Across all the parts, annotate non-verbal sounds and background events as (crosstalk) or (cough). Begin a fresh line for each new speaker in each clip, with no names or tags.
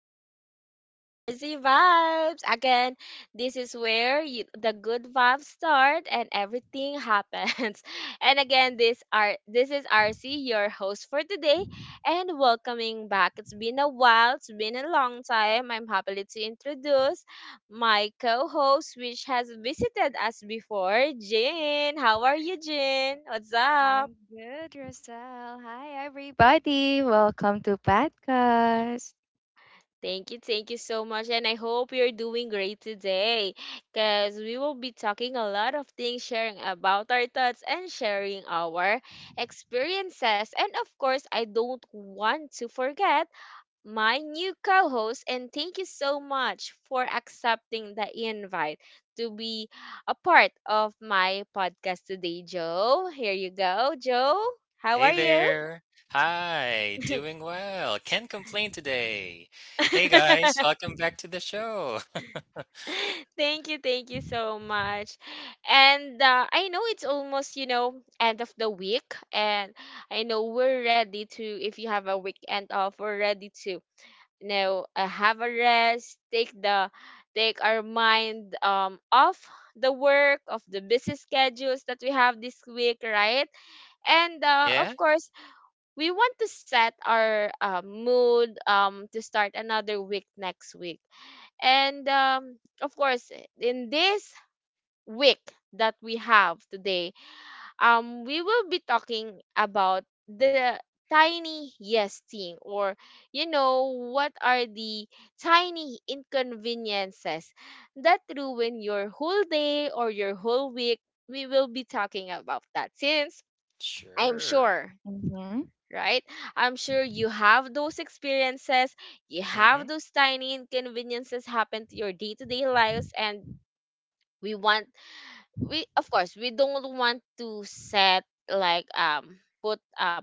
back here at RZ Vibes. Again, this is where you, the good vibes start and everything happens. (laughs) And again, this is RC, your host for today, and welcoming back. It's been a while. It's been a long time. I'm happily to introduce my co-host, which has visited us before, Jin. How are you, Jin? What's up?
I'm good, Rosal. Hi, everybody. Welcome to podcast.
Thank you so much. And I hope you're doing great today because we will be talking a lot of things, sharing about our thoughts and sharing our experiences. And of course, I don't want to forget my new co host. And thank you so much for accepting the invite to be a part of my podcast today, Joe. Here you go, Joe. How
Hey
are you?
there. Hi, doing well. Can't complain today. Hey guys,
(laughs)
welcome back to the show.
(laughs) Thank you, thank you so much. And I know it's almost, end of the week. And I know we're ready to, if you have a weekend off, we're ready to, have a rest, take our mind off the work, of the busy schedules that we have this week, right? And
(laughs)
of
Yeah?
course, we want to set our mood to start another week next week. And of course, in this week that we have today, we will be talking about the tiny yes thing, or what are the tiny inconveniences that ruin your whole day or your whole week. We will be talking about that since I'm
Sure.
sure,
Mm-hmm.
right? I'm sure you have those experiences, you have
Mm-hmm.
those tiny inconveniences happen to your day to day lives, and we want, we, of course, we don't want to set like, put a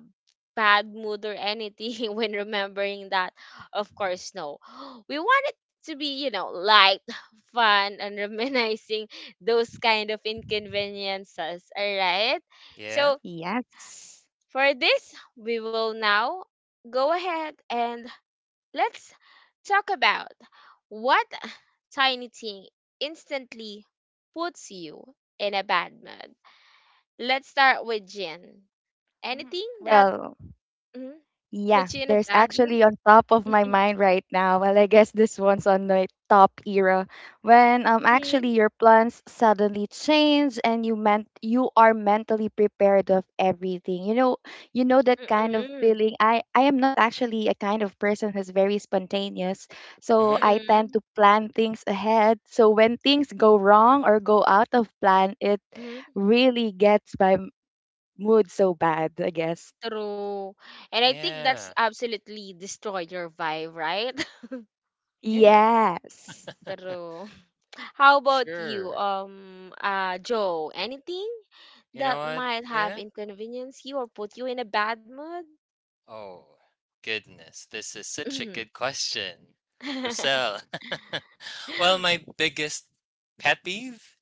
bad mood or anything (laughs) when remembering that. Of course, no. (gasps) We want it to be, light, (laughs) fun, and reminiscing those kind of inconveniences, all right?
Yeah.
So,
Yes.
for this, we will now go ahead and let's talk about what tiny thing instantly puts you in a bad mood. Let's start with Jin. Anything that
Well,
mm,
yeah,
puts you in a
there's
bad mood?
actually on top of my
(laughs)
mind right now. Well, I guess this one's on the top era when actually
Mm.
your plans suddenly change and you meant you are mentally prepared of everything. You know that kind of
Mm-mm.
feeling. I am not actually a kind of person who's very spontaneous, so
Mm-hmm.
I tend
Mm-mm.
to plan things ahead. So when things go wrong or go out of plan, it
Mm.
really gets my mood so bad, I guess.
True. And I think that's
Yeah.
absolutely destroyed your vibe, right?
Yeah.
Yes.
(laughs) True. How about you,
Sure.
Joe? Anything
You know
that
what?
might have
Yeah.
inconvenienced you or put you in a bad mood?
Oh, goodness. This is such a good
Mhm.
question. Marcel.
(laughs)
(laughs) Well, my biggest pet peeve,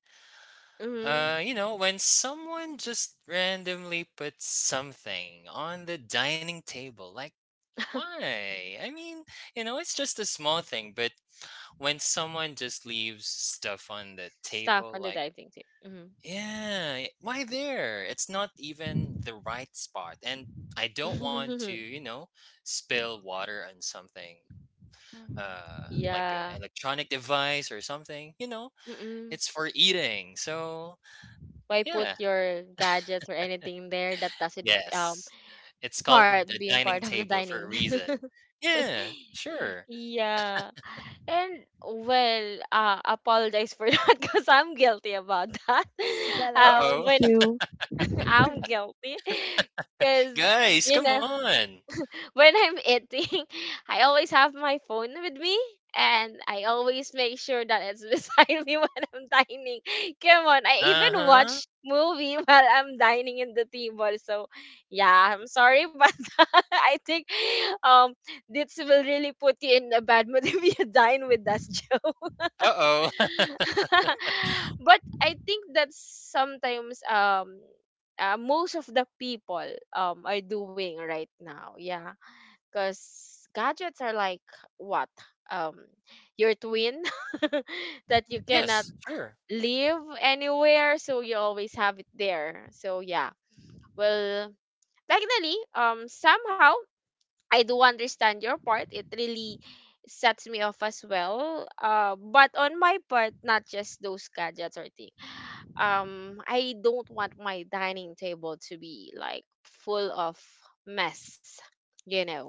Mhm.
you know, when someone just randomly puts something on the dining table, like
(laughs)
why? I mean, you know, it's just a small thing, but when someone just leaves stuff on the
Stuff
table,
on the
like,
diving tip. Mhm.
yeah, why there? It's not even the right spot. And I don't want to,
(laughs)
you know, spill water on something,
Mhm.
uh, like an
Yeah.
electronic device or something. You know,
Mm-mm.
it's for eating. So,
Why put
yeah,
your gadgets or anything there that doesn't
yes. It's called
part
a
being
dining
part of the
table for a
dining?
reason.
(laughs)
Yeah, sure.
Yeah. And well, apologize for (laughs) that because I'm guilty about that. (laughs)
Well, I
Uh
guess me
oh.
When
too.
(laughs) I'm guilty (laughs) because
(laughs) Guys,
you
come
know
on.
(laughs) when I'm eating, (laughs) I always have my phone with me, and I always make sure that it's beside (laughs) me when I'm dining. Come on, I even
Uh-huh.
watch movie (laughs) while I'm dining in the table. So, yeah, I'm sorry, but (laughs) I think um this will really put you in a bad mood (laughs) if you dine with us, (laughs) Joe.
Uh-oh. (laughs)
(laughs) But I think that's sometimes most of the people are doing right now. Yeah, because gadgets are like what um your twin (laughs) that you
Mm.
cannot
Yes, sure.
live anywhere, so you always have it there. So yeah, well, technically somehow I do understand your part. It really sets me off as well. But on my part, not just those gadgets or things. I don't want my dining table to be like full of mess. You know,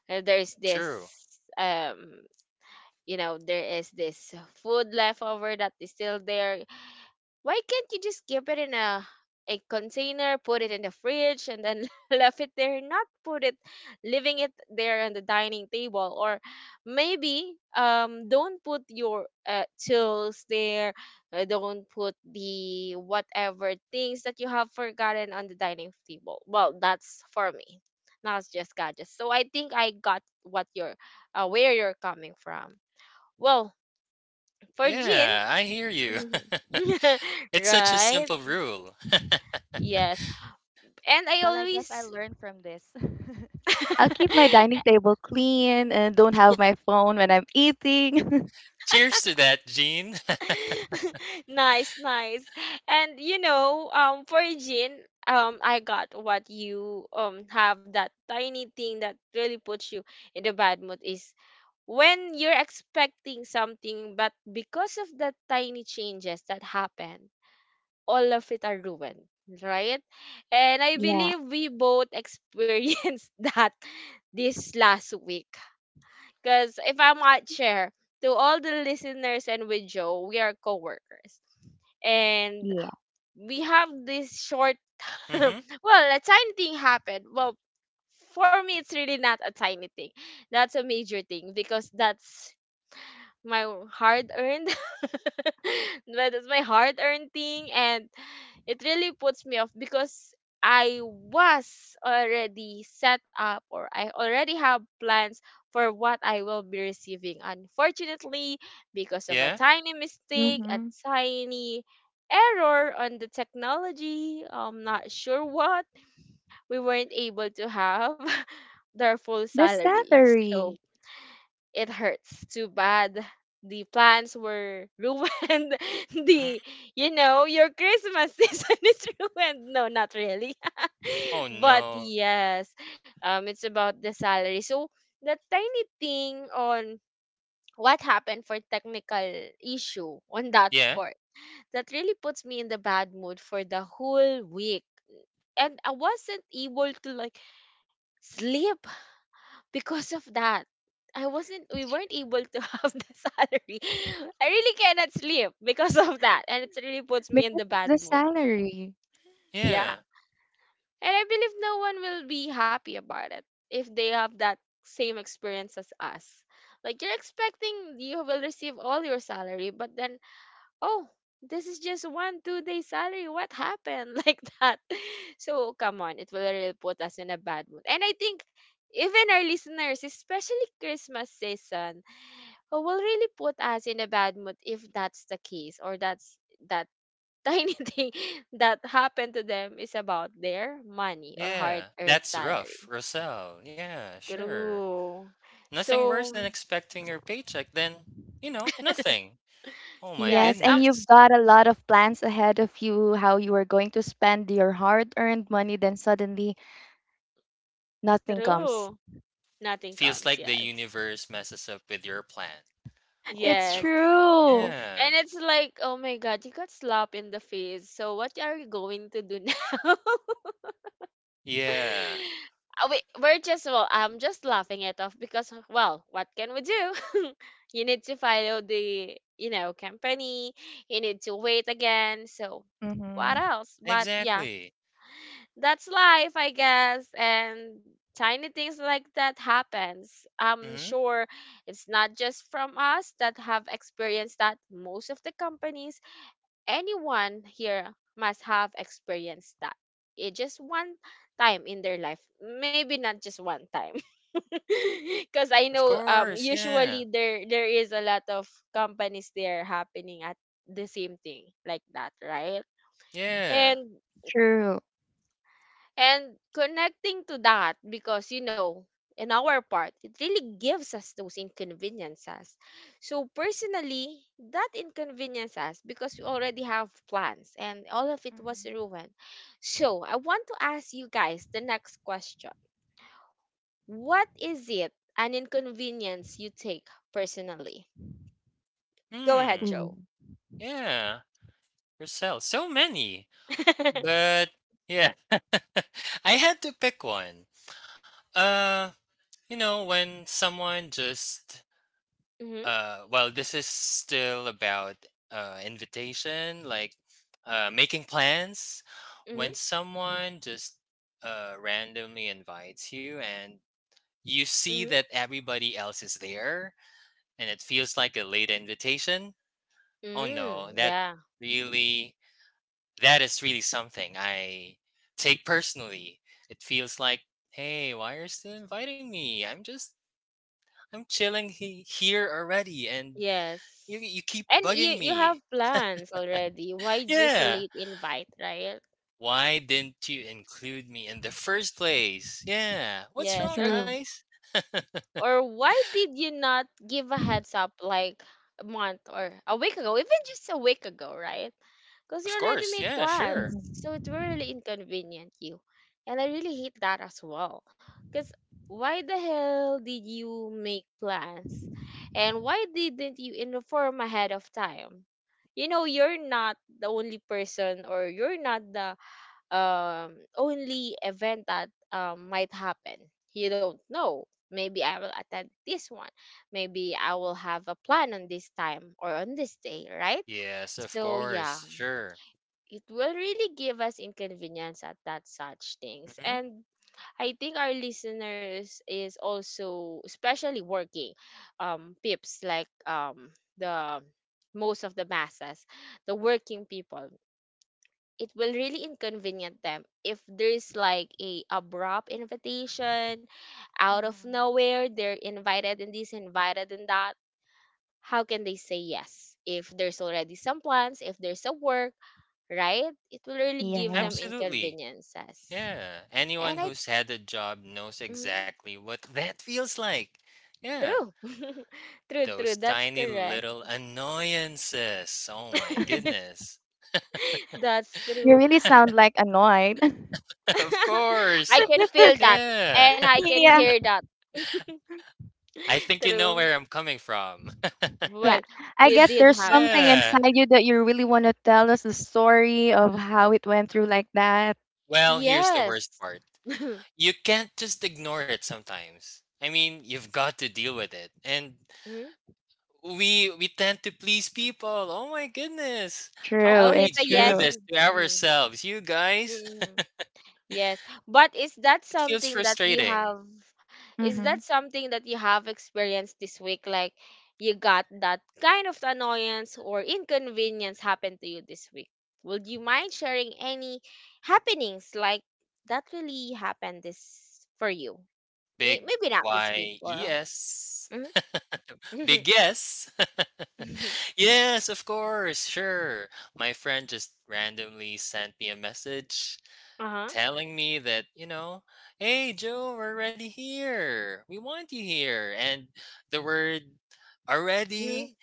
There's this
True.
um, there is this food left over that is still there. Why can't you just keep it in a container, put it in the fridge, and then (laughs) left it there, not put it, leaving it there on the dining table, or maybe don't put your tools there, don't put the whatever things that you have forgotten on the dining table. Well, that's for me, not just gadgets. So I think I got where you're coming from. Well, for Jean,
Yeah, I hear you.
(laughs)
(laughs)
(laughs)
It's such a
right?
simple rule.
Yes. And I
Well, I guess I
always
learned from this. (laughs) I'll keep my dining table clean and don't have my phone when I'm eating. (laughs)
Cheers to that, Gene.
(laughs) nice, nice. And for Jean, I got what you have. That tiny thing that really puts you in the bad mood is when you're expecting something, but because of the tiny changes that happen, all of it are ruined, right? And I
Yeah,
believe we both (laughs) experienced that this last week. Because if I might share to all the listeners, and with Joe, we are coworkers, and
yeah.
we have this short.
(laughs)
(laughs)
Mhm.
Well, a tiny thing happened. Well, for me, it's really not a tiny thing. That's a major thing because that's my hard earned (laughs) but it's my hard earned thing, and it really puts me off because I was already set up, or I already have plans for what I will be receiving. Unfortunately, because of a
Yeah.
tiny mistake, a
Hmm.
tiny error on the technology, I'm not sure what, we weren't able to have (laughs) their full
The
salary. So
salary,
it hurts too bad. The plans were (laughs) ruined.
Mhm.
the your Christmas season (laughs) is ruined. No, not really.
Oh,
(laughs) But
no.
yes, it's about the salary. So the tiny thing on what happened for technical issue on that
Yeah.
part, that really puts me in the bad mood for the whole week. And I wasn't able to like sleep because of that. I wasn't we weren't able to (laughs) have the salary. I really cannot sleep because of that. And it really puts me in the
because of
bad
the
mood.
salary.
Yeah.
Yeah.
And I believe no one will be happy about it if they have that same experience as us. Like, you're expecting you will receive all your salary, but then, oh, this is just one two day salary. What happened? (laughs) Like that. So come on, it will really put us in a bad mood. And I think even our listeners, especially Christmas season, who will really put us in a bad mood if that's the case, or that's that (laughs) tiny thing that happened to them is about their money or
Yeah.
hard-earned
That's rough,
salary.
Rosal. Yeah, sure.
True.
Nothing worse
So
than expecting your paycheck then, you know, nothing. Oh my
yes,
Yes, and you've
goodness.
got a lot of plans ahead of you, how you are going to spend your hard-earned money, then suddenly nothing comes.
true. Nothing
Feels
comes.
like the
Yes.
universe messes up with your plan.
(laughs)
Oh
It's
Yes.
no.
true.
Yeah.
And it's like, oh my God, you got slapped in the face. So what are you going to do (laughs) now?
Yeah.
(laughs) We, we're just well, I'm just laughing it off, because well, what can we do? (laughs) You need to follow the company. You need to wait again. So what
Mm-hmm.
else? But yeah,
Exactly.
that's life, I guess. And tiny things like that happens. I'm
Mm-hmm.
sure it's not just from us that have experienced that. Most of the companies, anyone here must have experienced that. It just one time in their life. Maybe not just one time. (laughs) Cause I
Of
know
course, yeah.
usually there is a lot of companies there happening at the same thing like that, right?
Yeah.
And
True.
and connecting to that, because in our part, it really gives us those inconveniences. So personally, that inconveniences us because we already have plans and all of it was
Mhm.
ruined. So I want to ask you guys the next question. What is it an inconvenience you take personally? Go ahead,
Hmm.
Ooh,
Joe.
Yeah. Roselle. So many.
(laughs) Mm-hmm,
But yeah. (laughs) I had to pick one. Uh, you know, when someone just well, this is still about invitation, like making plans.
mm-hmm,
When someone just randomly invites you and you see
mm-hmm.
that everybody else is there and it feels like a late invitation. Oh no,
Mm,
that
yeah.
really that is really something I take personally. It feels like, hey, why are you still inviting me? I'm just I'm chilling here already and you
Yes.
you keep
And you
bugging
you have
me.
plans already. Why
Yeah.
resolate invite, right?
Why didn't you include me in the first place? Yeah. What's
Yes.
wrong,
true.
guys? (laughs)
Or why did you not give a heads up like a month or a week ago? Even just a week ago, right? Because you
Of
already
course.
made
Yeah, sure.
plans. So
Mm-hmm.
it will really inconvenient you. And I really hate that as well. Because why the hell did you make plans? And why didn't you inform ahead of time? You know, you're not the only person, or you're not the only event that might happen. You don't know. Maybe I will attend this one. Maybe I will have a plan on this time or on this day, right?
Yes, of
So, yeah,
course. Sure.
it will really give us inconvenience at that such things.
hmm
And I think our listeners is also, especially working pips like the most of the masses, the working people, it will really inconvenient them if there's like a abrupt invitation out of
Mhm.
nowhere. They're invited, and this invited, and that. How can they say yes if there's already some plans, if there's a work, right? It will really give
Yeah.
them
Absolutely.
inconveniences.
Yeah, anyone
And I,
who's had a job knows
mm,
exactly what that feels like. Yeah,
True, (laughs) true,
those
true. That's
tiny
correct.
little annoyances. Oh my
(laughs)
(laughs)
goodness.
That's
You
true.
really sound like annoyed. (laughs)
(laughs) of
(laughs)
course.
I
So-
can feel that,
Yeah,
and I can
Yeah.
hear that.
(laughs) I
(laughs)
think you know
True.
where I'm coming from.
Yeah.
Well,
I
we
guess
did
there's
(laughs)
have that.
something
yeah.
inside you that you really want to tell us the story of how it went through like that.
Well, here's the worst
Yes.
part,
(laughs)
you can't just ignore it sometimes. I mean, you've got to deal with it. And
Mm.
we tend to please people. Oh my goodness. How
True.
Oh,
come
he's
we
It's
a
do
yes.
true.
this to
Mm.
ourselves, you guys?
Mm. Yes, but
It feels frustrating.
is that
Mm-hmm.
something that you have experienced this week, like, you got that kind of annoyance or inconvenience happen to you this week? Would you mind sharing any happenings like that really happened this for you? May-
Big
maybe not this week
Y E
or.
S.
Mhm.
(laughs) Big yes. (laughs)
(laughs)
yes, of course, sure. My friend just randomly sent me a message
Uh-huh.
telling me that, you know, hey, Joe, we're already here. We want you here. And the word
Mhm.
already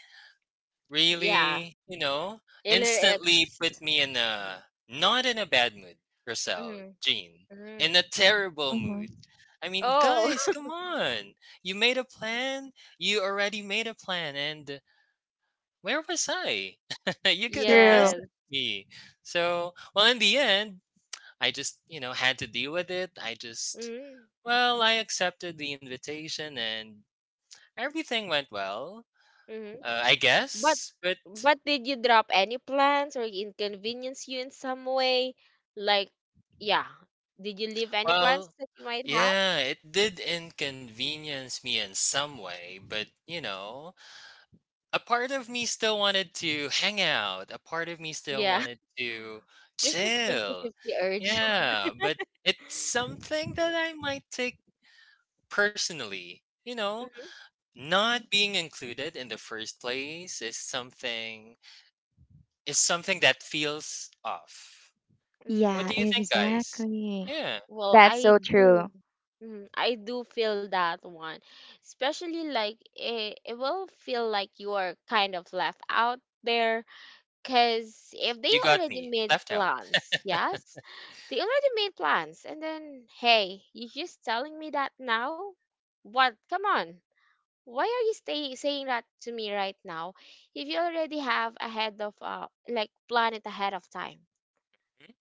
Yeah.
really, you know,
Ilex.
instantly put me in a not in a bad mood, Roselle,
Mhm.
Jean, in
Mhm.
a terrible
Mm-hmm.
mood. I mean,
Oh.
guys, come
(laughs)
on. You made a plan. You already made a plan. And where was I? (laughs) you could have messaged
True.
Yes.
me. So, well, in the end, I just, you know, had to deal with it. I just,
Mm-hmm.
well, I accepted the invitation and everything went well,
Mm-hmm.
I
But
guess. But
but did you drop any plans or inconvenience you in some way? Like, yeah, did you leave any plans
well,
that you might have?
yeah, it did inconvenience me in some way, but you know, a part of me still wanted to hang out. A part of me still
Yeah,
wanted to
(laughs) there's that fifty
chill.
fifty urge. (laughs)
Mm-hmm.
Yeah, but it's something that I might take personally. You know,
Mhm.
not being included in the first place is something that feels off. What
Yeah,
do
Mm.
you think, guys?
exactly.
Yeah,
Well,
That's
I
so true.
do. Mm, I do feel that one, especially like it will feel like you are kind of left out there. Because if they
you got
already
me.
made
Left out.
plans,
(laughs)
yes, they already made plans. And then, hey, you just telling me that now? What? Come on. Why are you saying that to me right now if you already have ahead of, like, plan it ahead of time,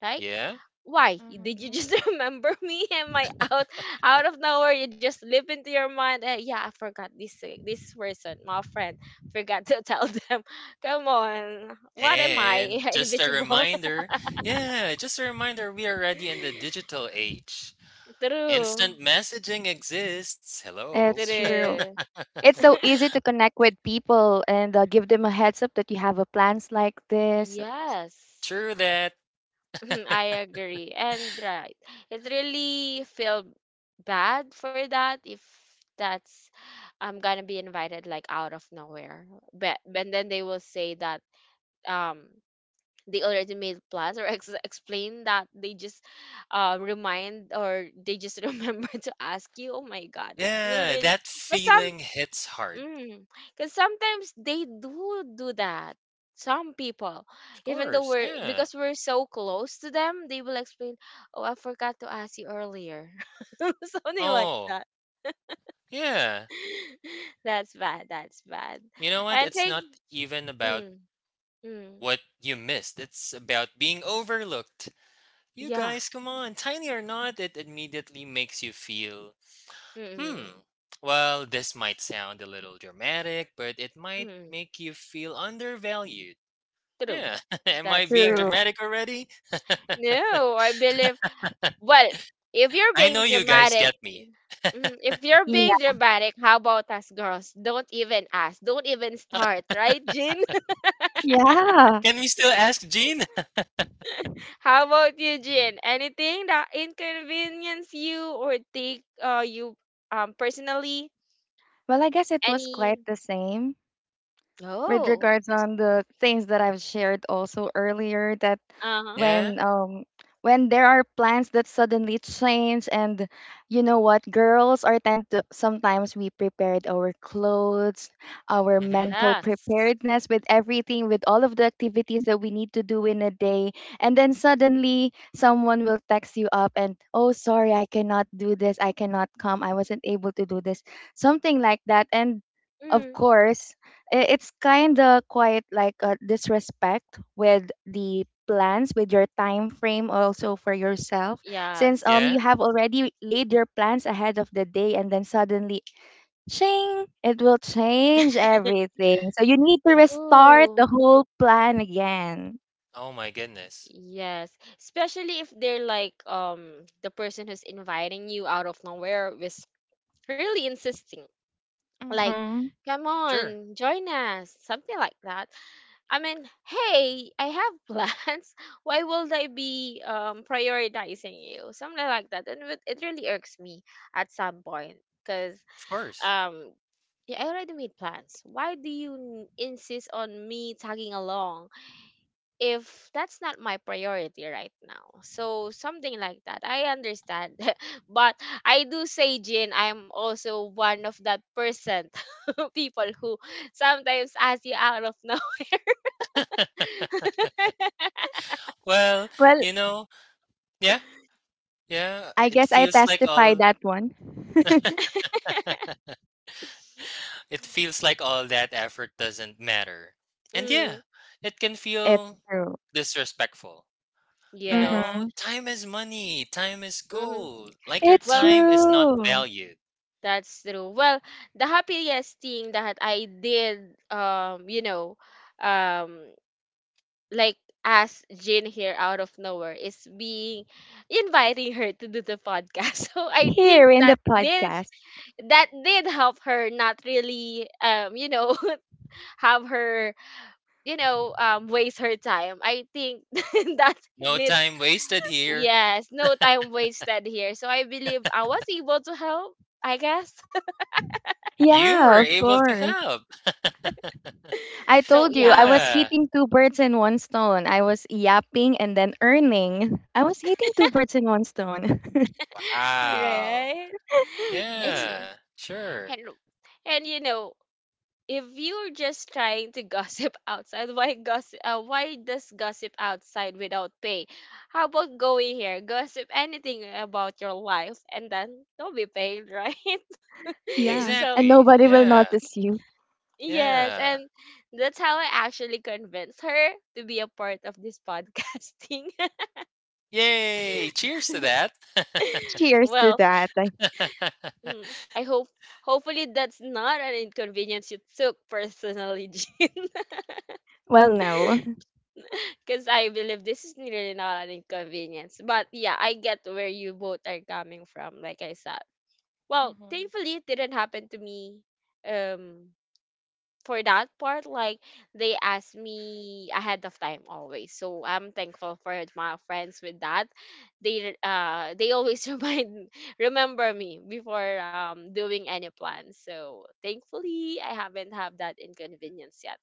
right?
Yeah.
Why did you
Mm-hmm.
just (laughs) remember me? Am I out of nowhere? You just slip into your mind, yeah, I forgot this, this person, my friend forgot (laughs) to tell them. (laughs) Come on, what am
And
I, (laughs)
just a
invisible?
reminder, yeah, just a reminder, we are already in the
(laughs)
digital age.
True.
Instant messaging exists. Hello.
It's true.
True.
It's so easy to connect with people and give them a heads up that you have a plans like this.
Yes.
True that.
(laughs)
(laughs)
I agree. And right, it really feel bad for that. If that's, I'm gonna be invited like out of nowhere, but then they will say that, um they already made plans, or explain that they just, remind, or they just (laughs) remember to ask you. Oh my god, it will
Yeah,
really,
that
because some
feeling hits hard.
because sometimes they do that. Some people,
Of
even though
course.
we're
Yeah.
because we're so close to them, they will explain, oh, I forgot to ask you earlier, (laughs) something like
Oh,
that.
yeah.
(laughs) That's bad, that's bad.
You know what?
And
It's
take,
not even about
mm, mm,
what you missed, it's about being overlooked. You
yeah,
guys, come on. Tiny or not, it immediately makes you feel hmm.
mm,
Well, this might sound a little dramatic, but it might
mm.
make you feel undervalued.
True.
Yeah. (laughs) Am I
That's
being
True.
correct.
dramatic already? (laughs)
No, I believe. Well, if you're
I
being
know you guys
dramatic,
get me. (laughs)
mhm, if you're
Yeah.
being dramatic, how about us girls? Don't even ask. Don't even start, right, Jin? (laughs)
Yeah.
Can we still ask Jean?
How about you, Jin? Anything that inconvenience you or take you personally?
Well, I guess it was quite
Any?
the same with
Oh.
regards on the things that I've shared also earlier that
Uh
(laughs)
huh.
yeah.
when um when there are plans that suddenly change, and you know what, girls are tend to sometimes we prepared our clothes, our
Mhm.
mental
Yes.
preparedness with everything, with all of the activities that we need to do in a day. And then suddenly someone will text you up and, oh, sorry, I cannot do this, I cannot come, I wasn't able to do this, something like that. And of
Mm.
course it's kind of quite like a disrespect with the plans, with your time frame also for yourself, since
Yes.
you
Yeah.
have already laid your plans ahead of the day, and then suddenly ching, it will change
(laughs)
everything, so you need to restart
True.
the whole plan again.
Oh my goodness.
Yes, especially if they're like the person who's inviting you out of nowhere was really insisting, like,
Mm-hmm.
come
Sure.
on, join us, something like that. I mean, hey, I have plans. (laughs) Why will I be prioritizing you? Something like that, and it really irks me at some point because,
Of course.
um yeah, I already made plans. Why do you insist on me tagging along if that's not my priority right now? So something like that. I understand. (laughs) But I do say, Jin, I'm also one of that percent (laughs) people who sometimes ask you out of no. (laughs)
Well,
Well,
you know, yeah. Yeah,
I
it
guess I
feels like
testify
all
that one.
it feels like all that effort doesn't matter. And yeah,
Mm,
it can
(laughs) It's
feel
true.
disrespectful. You
yes.
Mm-hmm.
know, time is money, time is
Hmm.
gold. Like your
It's
Well,
time is not
true.
valued.
that's true. Well, the happiest thing that I did, um like, as Jin here out of nowhere is being inviting her to do the podcast. (laughs) So I think
Here in
that
the
did
podcast.
that did help her, not really, you know (laughs) have her, waste her time. I think (laughs) that
No
needs,
time wasted here.
yes, no time wasted here. So I believe I was able to help, I guess.
You were
Yeah, of
able to
course.
help.
I
(laughs) So
told
(laughs)
you I
yeah.
was
yeah.
hitting two birds in one stone. I was yapping and then earning. I was hitting two birds in one stone.
Wow.
Right.
(laughs)
It's,
Yeah. Sure.
and and if you're just trying to gossip (laughs) outside, why gossip? Why does gossip outside without pay? How about going here, gossip anything about your life, and then don't be paid, right? (laughs)
Yeah.
So
And
Exactly.
nobody will
Yeah.
notice you.
yes,
Yeah.
and that's how I actually convinced her to be a part of this podcasting.
Yay. Cheers to that.
(laughs)
Cheers to
Well,
that. Like,
mm,
(laughs)
I hope hopefully that's not an inconvenience you took personally. (laughs)
well, no.
Because I believe this is really not an inconvenience. But yeah, I get where you both are coming from, like I said. Well,
Mm-hmm.
thankfully, it didn't happen to me, um, for that part. Like, they asked me ahead of time always. So I'm thankful for my friends with that. They always (laughs) remind remember me before doing any plans. So thankfully I haven't had that inconvenience yet.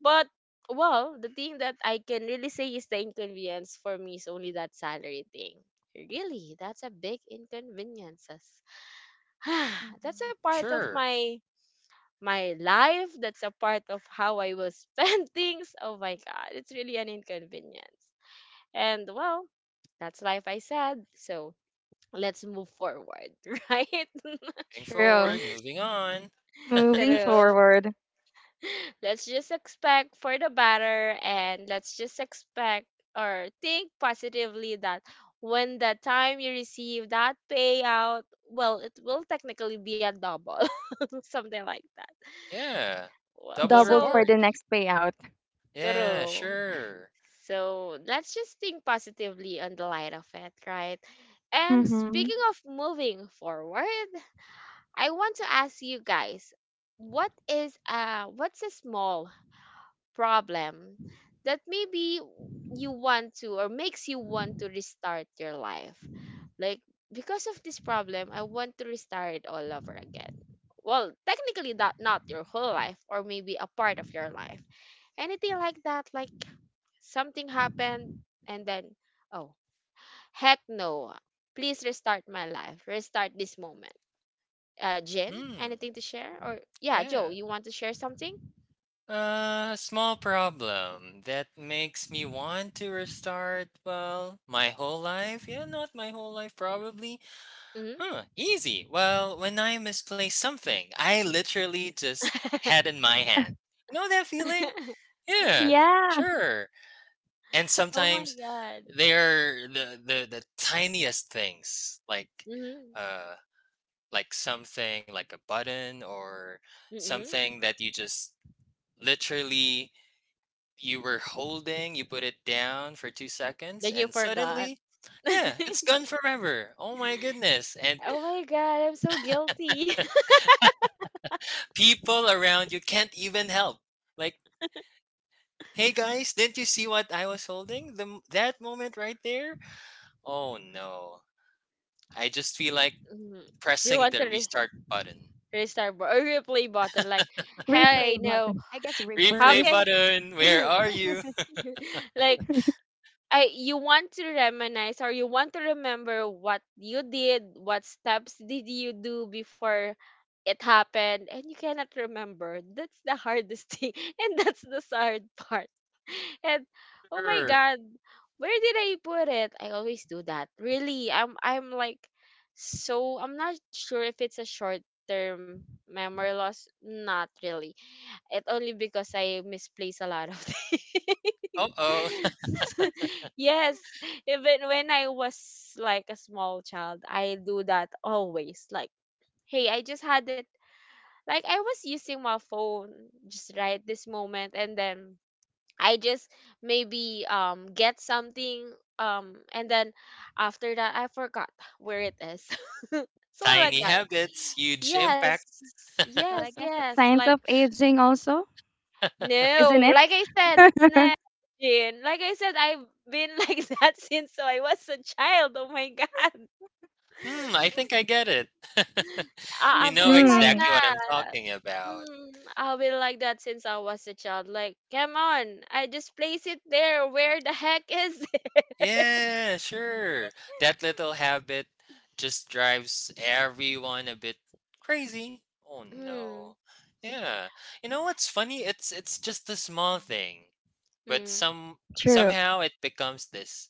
But well, the thing that I can really say is the inconvenience for me is only that salary thing. Really, that's a big inconveniences. (sighs) That's
Mm-hmm.
a part of
sure.
my life. That's a part of how I will spend (laughs) things. Oh my god, it's really an inconvenience. And well, that's life I said. So let's move forward, (laughs) right? (laughs)
Moving forward,
True.
moving on.
Moving
(laughs)
True.
forward,
Let's just expect for the better. And let's just expect, or think positively, that when the time you receive that payout, well, it will technically be a double, (laughs) something like that.
yeah.
Well,
Double
doubled for
so
reward.
the next payout.
Yeah,
true.
sure.
So let's just think positively on the light of it, right? And
Hmm.
speaking of moving forward, I want to ask you guys, what's a small problem that maybe you want to, or makes you want to restart your life. Like, because of this problem, I want to restart it all over again. Well, technically that not your whole life, or maybe a part of your life. Anything like that, like something happened and then, oh, heck no. Please restart my life. Restart this moment. Jen,
Hmm.
anything to share? Or yeah, Joe,
Yeah.
you want to share something?
Small problem that makes me want to restart, well, my whole life? Yeah, not my whole life, probably. Huh, easy. Well, when I misplace something, I literally just
Hmm.
had in my hand. You know that feeling? Yeah,
(laughs)
Yeah.
sure. And
Oh my
sometimes
god.
they are the tiniest things,
Mhm.
uh, like something like a button or
Mhm.
something that you just literally you were holding, you put it down for 2 seconds,
Then you
and
forgot.
suddenly,
(laughs)
yeah, it's gone forever. Oh my goodness. And
Oh my god, I'm so guilty. (laughs)
people around you can't even help. Like, hey guys, didn't you see what I was holding? That moment right there? Oh no. I just feel like
Mhm. You
pressing
want
the
to
restart button.
restart or replay button? Like, hey,
Replay
no,
button. I guess
how
Replay
reverse.
can,
button, where are you?
(laughs) like, I you want to reminisce or you want to remember what you did, what steps did you do before it happened, and you cannot remember. That's the hardest thing, (laughs) and that's the sad part. (laughs) And
(laughs)
oh my
Err.
god, where did I put it? I always do that. Really, I'm like, so I'm not sure if it's a short term memory loss. Not really. It only because I misplace a lot of (laughs) things.
Uh oh.
(laughs) Yes, even when I was like a small child, I do that always. Like, hey, I just had it. Like, I was using my phone just right this moment, and then I just maybe get something, and then after that I forgot where it is. (laughs)
(laughs)
So like
Tiny
that.
habits, huge
Yes,
impact.
Well,
yes,
I guess
yes.
it's
Like,
signs of aging also, isn't
no,
it?
like I said,
(laughs)
no, Jin. Like I said, I've been (laughs) like that since I was a child. Oh my God.
Hmm, I think I get it. (laughs) You
I've
know
been like
Hmm.
exactly what I'm
that.
talking about.
Mm, I've been like that since I was a child. Like, come on, I just place it there. Where the heck is it? (laughs)
Yeah, sure. That little habit just drives everyone a bit crazy. Oh
Mm,
no. Yeah. You know what's funny? It's just a small thing, but
mm,
True.
somehow it becomes this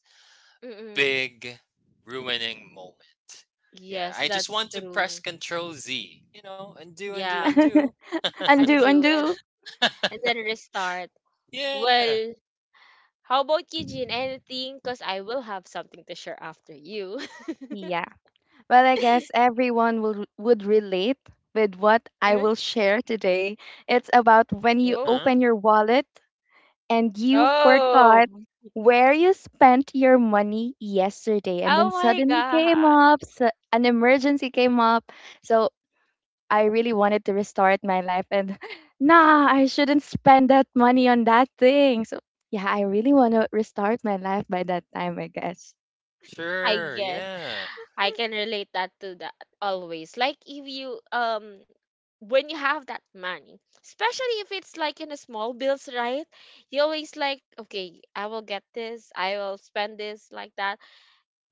mm-mm.
big ruining moment. Yeah,
Yes,
I just
that's
want to press
true.
control Z, you know, and do and do
Yeah,
and do. (laughs)
(laughs) Undo,
undo and
undo.
and then restart.
Yeah.
Well, how about you, Jin? Anything? Cause I will have something to share after you. (laughs)
Yeah. Well, I guess everyone will, would relate with what I
Uh-huh.
will share today. It's about when you
Oh.
Huh?
open your wallet and you
Oh,
forgot where you spent your money yesterday, and then
oh my
suddenly
God.
came up, so an emergency came up. So I really wanted to restart my life, and (laughs) nah, I shouldn't spend that money on that thing. So yeah, I really want to restart my life by that time, I guess.
I
Sure,
guess
yeah.
I can relate that to that always. Like, if you when you have that money, especially if it's like in a small bills, right? You always like, okay, I will get this, I will spend this like that.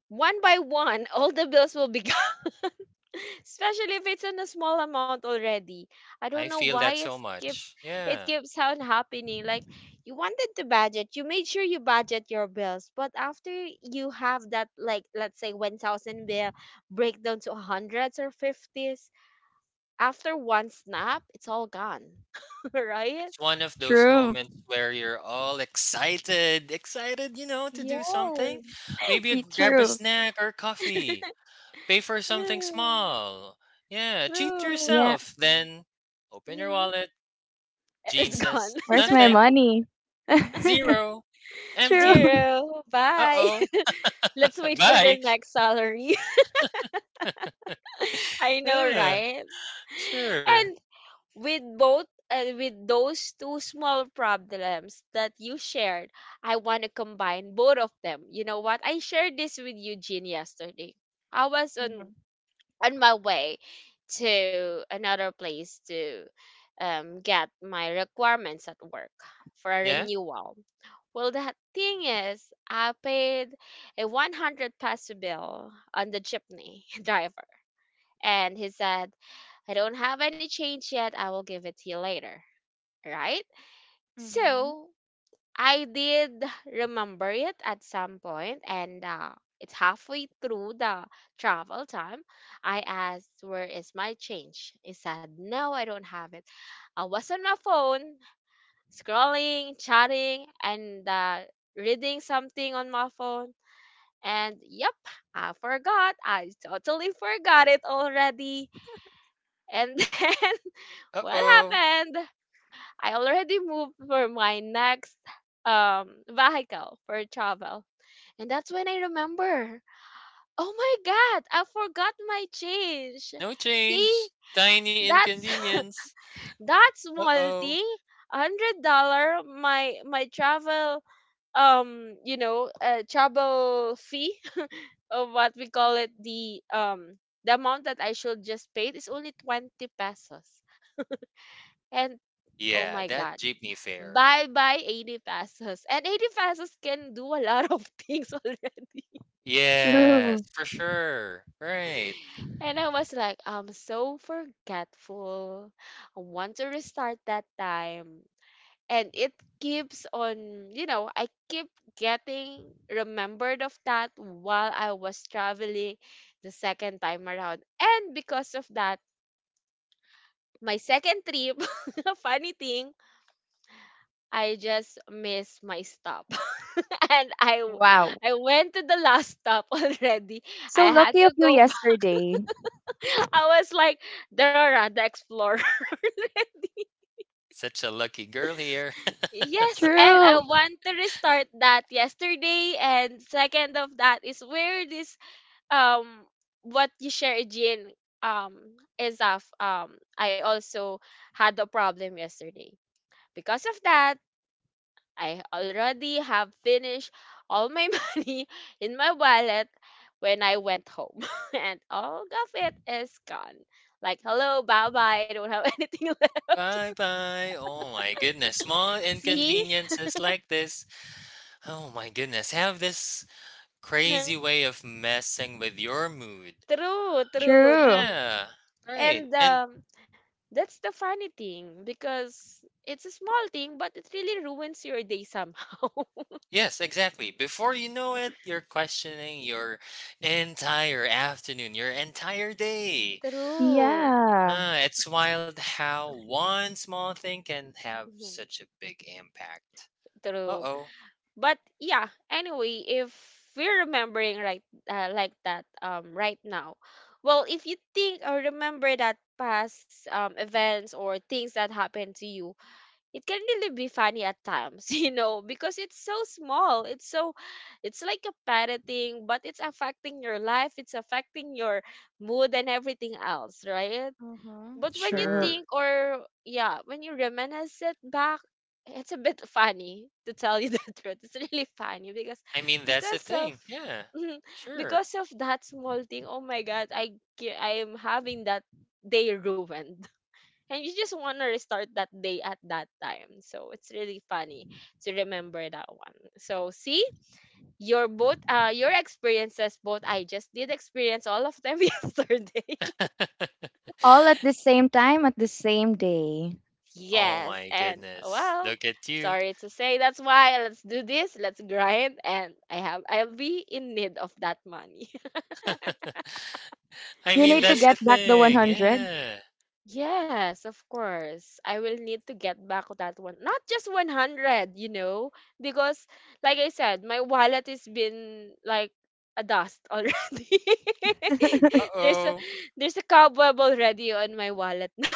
One by one, all the bills will be, (laughs) especially if it's in a small amount already. I don't
I
know
feel
why
that so
keeps
much.
it
Yeah.
keeps on happening. Like, you wanted to budget, you made sure you budget your bills, but after you have that, like let's say 1,000 bill break down to hundreds or fifties, after one snap, it's all gone, (laughs) right?
It's one of those
True.
moments where you're all excited, you know, to do something.
Yes,
Maybe a,
(laughs)
grab a
True.
snack or coffee, pay for something
true,
small. Yeah, treat
true.
yourself. Then open your
Hmm.
wallet. Jean
It's
says,
gone.
Where's my
nothing,
money? (laughs) True.
zero,
(laughs)
empty.
Zero.
Uh
Bye.
oh,
(laughs) Let's
(laughs)
wait for
bye.
their next salary. (laughs) I know,
Yeah,
right? And
sure.
with both with those two small problems that you shared, I want to combine both of them. You know what? I shared this with Eugene yesterday. I was on
Mm-hmm.
on my way to another place to, get my requirements at work for a
Yeah,
renewal. Well, the thing is, I paid a 100 peso bill on the jeepney (laughs) driver, and he said, I don't have any change yet. I will give it to you later. Right?
Mm-hmm.
So I did remember it at some point, and, it's halfway through the travel time. I asked, where is my change? He said, no, I don't have it. I was on my phone, scrolling, chatting, and, reading something on my phone. And yep, I forgot. I totally forgot it already. And (laughs) then
uh
what
oh,
happened? I already moved for my next vehicle for travel. And that's when I remember. Oh my god, I forgot my change.
no
See?
change, tiny
That's (laughs)
inconvenience.
that small
Uh-oh.
thing. $100, my travel, travel fee, (laughs) of what we call it, the amount that I should just pay is only 20 pesos. And oh
Yeah,
my
that
god.
jeepney fare.
Bye bye 80 pesos. And 80 pesos can do a lot of (laughs) things already.
Yes,
True.
for sure. Right.
And I was like, I'm so forgetful. I want to restart that time. And it keeps on, you know, I keep getting remembered of that while I was traveling the second time around. And because of that, my second trip, (laughs) funny thing, I just missed my stop. (laughs) And
Wow.
I went to the last stop (laughs) already. I
So
had
lucky of
to
you
go back.
yesterday.
(laughs) I was like, Dora, the explorer. (laughs)
Such a lucky girl here. (laughs)
Yes, and I
True.
want to restart that yesterday. And second of that is where this um what you share, Jean, um is of I also had a problem yesterday. Because of that, I already have finished all my (laughs) money in my wallet when I went home. (laughs) And all of it is gone. Like, hello, bye bye. I don't have (laughs) anything left.
Bye bye. Oh my goodness. Small
See?
inconveniences like this. Oh my goodness. Have this crazy
(laughs)
way of messing with your mood.
True, true,
True.
true.
Yeah. Right.
And
And
that's the funny thing because it's a small thing, but it really ruins your day somehow. (laughs)
yes, exactly. Before you know it, you're questioning your entire afternoon, your entire day.
True.
Yeah.
It's wild how one small thing can have
Mhm.
such a big impact. Uh
True.
oh,
But yeah, anyway, if we're remembering right, like that right now, well, if you think or remember that past events or things that happened to you, it can really be funny at times. (laughs) You know, because it's so small, it's so, it's like a petty thing, but it's affecting your life, it's affecting your mood and everything else, right?
Mm-hmm.
But when you
True.
sure.
think, or yeah, when you reminisce it back, it's a bit funny to tell you the (laughs) truth. It's really funny
I mean, that's the
because of
thing. Yeah,
(laughs)
sure.
because of that small thing. Oh my god, I am having that day ruined. (laughs) And you just want to restart that day at that time. So it's really funny to remember that one. So see, your both your experiences, both I just did experience all of them (laughs) yesterday.
(laughs)
All at the same time at the same day.
oh
Yes,
my
and
goodness,
well,
look at you.
sorry to say, that's why let's do this, let's grind, and I have I'll be in need of that money. (laughs)
(laughs) I
You
mean,
need to
that's the
get back the
thing.
100.
Yeah.
Yes, of course. I will need to get back that one. Not just 100, you know, because like I said, my wallet has been like a dust already. (laughs)
Uh
there's a
oh.
there's a cobweb already on my wallet now.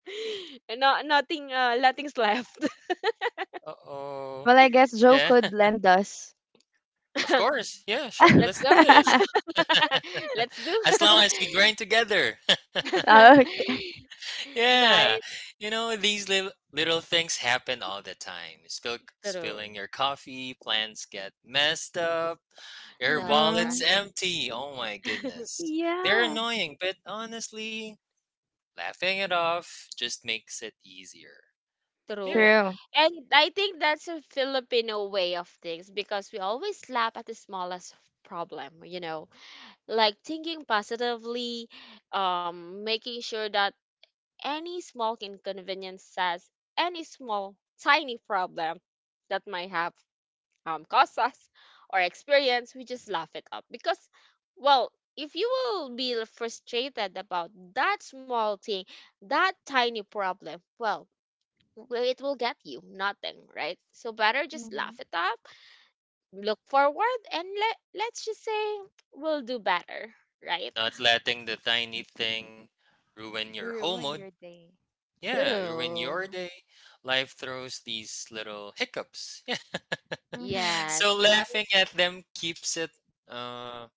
(laughs) No, nothing, nothing's left.
Uh oh.
Well, I guess Joe
Yeah,
could
(laughs)
lend us.
of
(laughs)
course. Yeah,
(laughs)
sure.
Let's
Let's do
go.
Okay.
this.
(laughs) Let's do.
(laughs) as long as we grind together. (laughs)
(laughs)
Yeah,
Nice.
you know, these little things happen all the time.
True.
Spilling your coffee, plans get messed up, your
That's
wallet's
Mm-hmm.
right.
empty. Oh my
(laughs)
goodness. They're
Yeah.
annoying, but honestly, laughing it off just makes it easier.
True.
Yeah,
True.
And I think that's a Filipino way of things because we always laugh at the smallest problem, you know, like thinking positively, making sure that any small inconvenience says any small, tiny problem that might have. Cause us or experience, we just laugh it up. Because, well, if you will be frustrated about that small thing, that tiny problem, well, it will get you nothing, right? So better just laugh
Mm-hmm.
it up, look forward, and let's just say we'll do better, right?
not letting the tiny thing ruin your whole mood.
Ruined your day.
Yeah,
True.
ruin your
True.
day. Life throws these little hiccups. (laughs) Yeah.
Mm-hmm.
So
Yes, but
laughing at them keeps it uh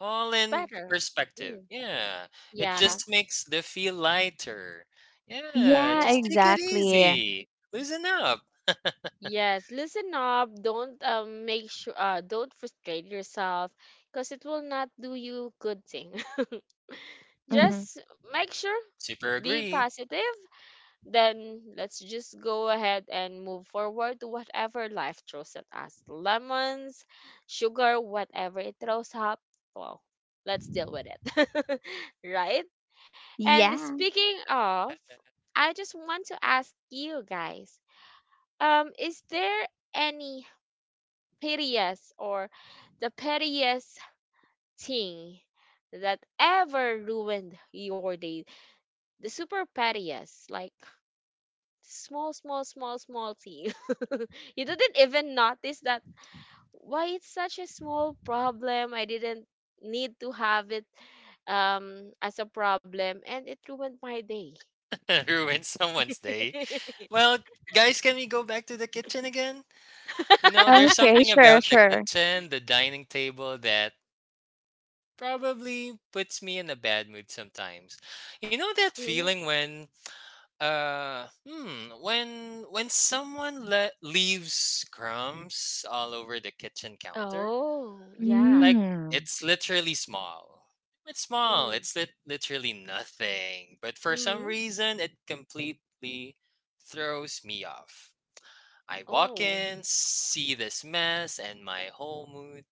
all in
better.
perspective.
Mm,
Yeah. It
yeah.
True.
just makes the feel lighter. Yeah.
Yeah,
Just
Yes.
take it
exactly.
easy. Loosen up.
Yes, listen up. Don't make sure, don't frustrate yourself because it will not do you good thing. (laughs)
Mm-hmm. (laughs)
Just make sure
Super
be
agree.
positive. Then let's just go ahead and move forward to whatever life throws at us. Lemons, sugar, whatever it throws up. Well, let's deal with it. (laughs) Right? And
Yeah.
speaking of, I just want to ask you guys, is there any pettiest or the pettiest thing that ever ruined your day. The super pettiest, like small, small, small, small thing. (laughs) You didn't even notice that why it's such a small problem. I didn't need to have it as a problem and it ruined my day.
(laughs) Ruin someone's day. Well,
(laughs)
guys, can we go back to the kitchen again? You know, there's
Okay,
something
sure,
about the
sure.
kitchen, the dining table that probably puts me in a bad mood sometimes. You know that
Mhm.
feeling when uh, hmm. When someone leaves crumbs all over the kitchen counter,
Oh, yeah.
like
Mm.
it's literally small. It's small.
Mm.
It's literally nothing. But for some
Mm.
reason, it completely throws me off. I walk
Oh,
in, see this mess, and my whole mood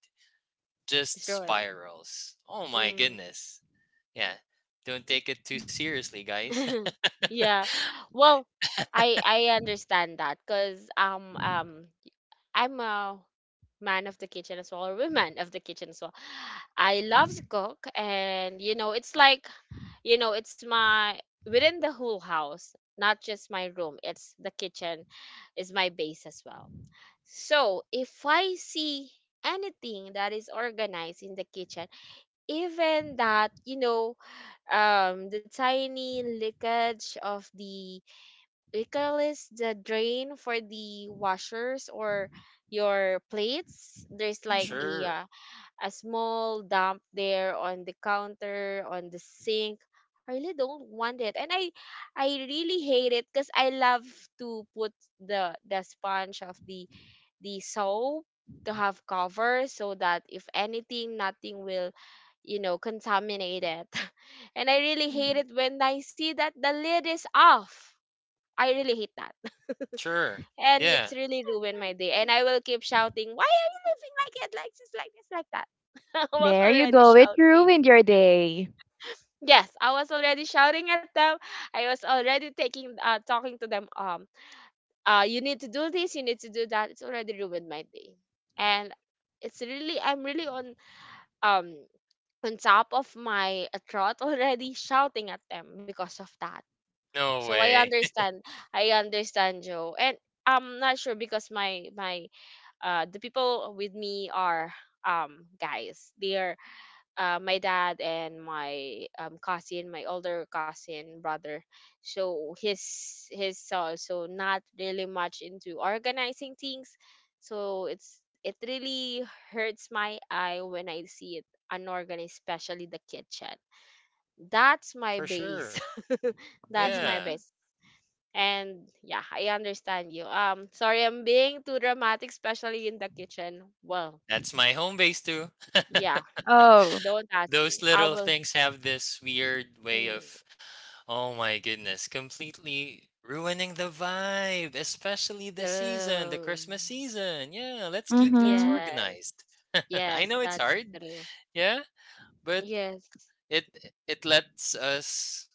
just
it's ruined.
spirals. Oh my
Mm.
goodness. Yeah. Don't take it too seriously, guys.
(laughs) Yeah.
(laughs)
Well, I understand that because I'm a man of the kitchen as well, or woman of the kitchen as well. I love to cook, and you know, it's like, you know, it's my, within the whole house, not just my room. It's the kitchen is my base as well. So if I see anything that is organized in the kitchen, even that, you know, the tiny leakage of the, we call this the drain for the washers or your plates, there's like
Mhm.
sure.
a small dump there on the counter on the sink. I really don't want it, and I really hate it because I love to put the sponge of the soap, to have cover so that if anything, nothing will, you know, contaminate it. (laughs) And I really hate
Mhm.
it when I see that the lid is off. I really hate that.
Sure.
(laughs) And
Yeah.
it's really ruined my day, and I will keep shouting, why are you living like it, like this, like this, like that. (laughs) I was
There you
already
go. It
shouting.
ruined your day.
Yes, I was already shouting at them. I was already taking, talking to them. You need to do this, you need to do that. It's already ruined my day. And it's really, I'm really um, on top of my (laughs) throat already shouting at them because of that.
No
So
way. (laughs)
I understand Joe. And I'm not sure because the people with me are, guys. They're my dad and my, cousin, my older cousin brother. So his also not really much into organizing things. So it's it really hurts my eye when I see it unorganized, especially the kitchen. That's my
For
base.
sure.
(laughs) That's my
Mhm.
Yeah.
base. And yeah, I understand you. Sorry, I'm being too dramatic, especially in the kitchen. Well,
That's my home base too.
yeah,
(laughs)
Oh.
don't ask
Those
me. I
little
will.
things have this weird way
Mm,
of, oh my goodness, completely ruining the vibe, especially this season, the
true.
Christmas season. Yeah, let's keep things
Mm-hmm.
Yes.
organized. (laughs) I
Yes,
know it's
that's
hard,
true.
yeah, but
Yes.
it it lets us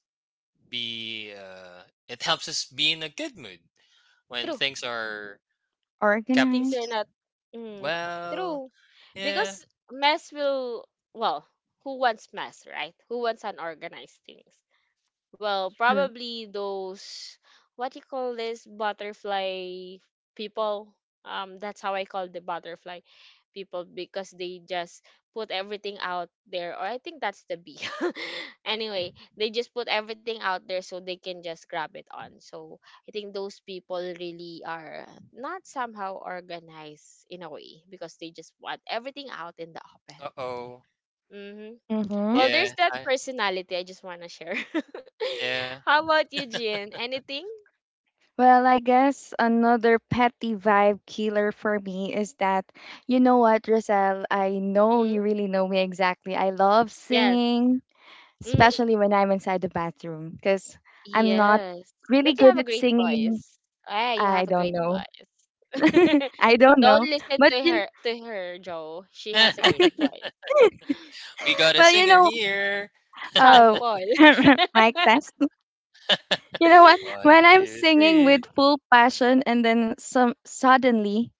be it helps us be in a good mood when
True.
things are
Things
kept
are
Organized.
not, mm,
well.
true.
Yeah,
Because mess will, well, who wants mess, right? Who wants unorganized things? Well,
True.
probably those, what you call this, butterfly people. That's how I call the butterfly people, because they just put everything out there. Or I think that's the bee. (laughs) Anyway, they just put everything out there so they can just grab it on. So I think those people really are not somehow organized in a way because they just want everything out in the open.
uh-oh.
Mm-hmm.
Mm-hmm.
Well, there's
Yeah,
that
I
personality I just want to share.
yeah.
(laughs) How about you, Jean? Anything?
Well, I guess another petty vibe killer for me is that, you know what, Roselle, I know you
Hmm?
really know me exactly. I love
Yes.
singing,
Hmm.
especially when I'm inside the bathroom, because I'm not
Yes.
really
But you
good
have a
at
great
singing.
voice. Ah, you
I
have a
don't
great
know.
voice.
(laughs)
(laughs)
I don't
Don't
know.
listen
But
to
you,
her, Joe. She has a
(laughs)
great voice.
We got a
well, you
singer
know,
here.
uh,
Sample.
(clears throat)
(laughs)
mic test. (laughs) You know what?
One,
When I'm
two,
singing
three.
with full passion and then some suddenly,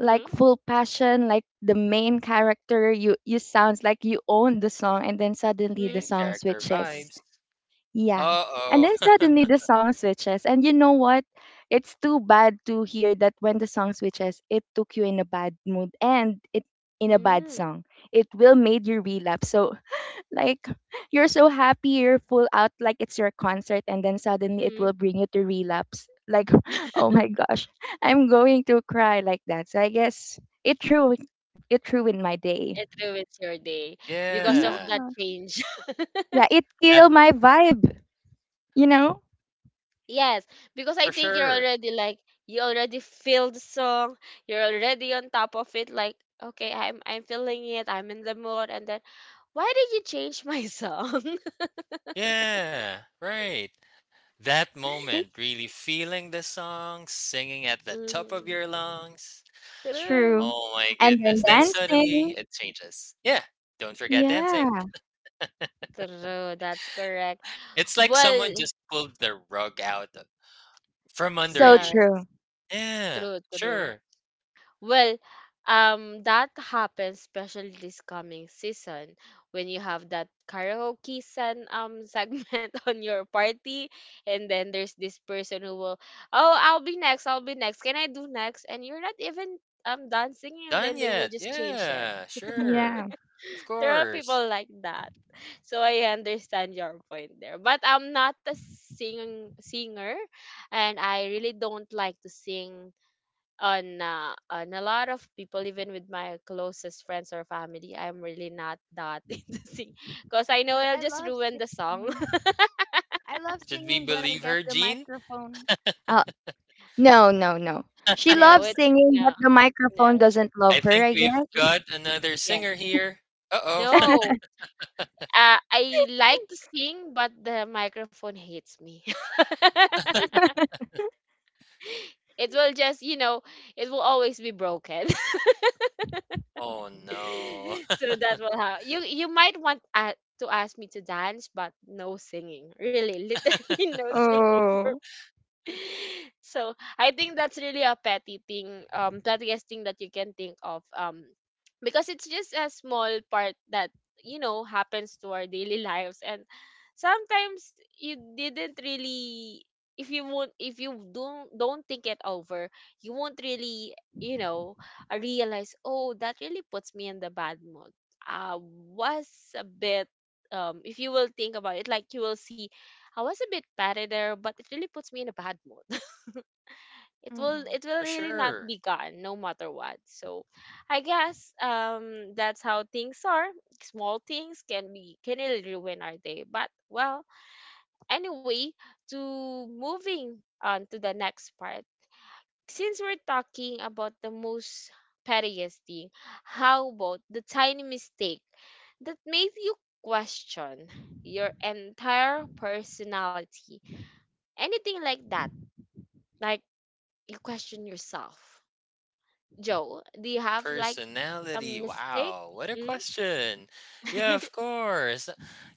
like
Mm,
full passion, like the main character, you sounds like you own the song, and then suddenly the
mm,
Main
song
character
switches.
vibes.
Yeah. And
Uh-oh.
then
(laughs)
suddenly the song switches. And you know what? It's too bad to hear that when the song switches, it took you in a bad mood and it in a bad
mm,
song. It will made you relapse. So (laughs) like you're so happy, you're full out like it's your concert and then suddenly it
mm. (laughs)
will bring you to relapse. Like, (laughs) oh my gosh, I'm going to cry like that. So I guess it ruined my day.
It ruins your day because of
Yeah.
Yeah.
that change.
Yeah, it
That
killed my vibe, you know?
Yes, because I
for
think you're
sure.
already like, you already feel the song. You're already on top of it. Like, okay, I'm feeling it. I'm in the mood, and then why did you change my song?
Yeah, right. That moment, really feeling the song, singing at
(laughs)
the top of
Hmm.
your lungs.
True.
True,
Oh my
And then
goodness. Then suddenly
dancing.
it changes. Yeah. Don't forget dancing.
Yeah.
true. That's correct.
It's like
Well,
someone just pulled the rug out of- from under
So
you.
yes,
true.
Yeah,
true, true.
sure.
Well, that happens especially this coming season when you have that karaoke sen (laughs) segment on your party, and then there's this person who will, oh, I'll be next, I'll be next. Can I do next? And you're not even dancing, and
Done
then they will
yet?
just change it.
Yeah, sure.
Yeah.
Of
There are
course.
people like that, so I understand your point there. But I'm not a singer, and I really don't like to sing on, on a lot of people, even with my closest friends or family. I'm really not that (laughs) into sing because I know
Well,
I'll
I
just
love
ruin the song.
singing.
(laughs)
I love
Should we
singing, but I
believe her,
guess the
Jean?
microphone. Uh, no, no, no. She
no
loves
it's
singing, but
no
the microphone
no.
doesn't
I
love her,
think
I
we've
guess.
got another
Yes,
singer here. Uh-oh. Oh
no. I like to sing, but the microphone hates me. (laughs) It will just, you know, it will always be broken.
(laughs) oh
(laughs)
no.
So that will how you, you might want, to ask me to dance, but no singing, really, literally,
(laughs)
(laughs) no singing for.
Oh.
(laughs) So I think that's really a petty thing, pettiest thing that you can think of, because it's just a small part that, you know, happens to our daily lives, and sometimes you didn't really, if you won't, if you don't think it over, you won't really, you know, realize, oh, that really puts me in the bad mood. I was a bit. If you will think about it, like you will see I was a bit petty there, but it really puts me in a bad mood. (laughs) It will,
Hmm.
it will
For
really not
sure.
be gone no matter what. So I guess that's how things are. Small things can be, can really ruin our day. But well, anyway, to moving on to the next part. Since we're talking about the most pettiest thing, how about the tiny mistake that made you question your entire personality? Anything like that? Like you question yourself. Joe, do you have like a
Personality.
mistake?
Wow. What a
Mm? (laughs)
question. Yeah, of course.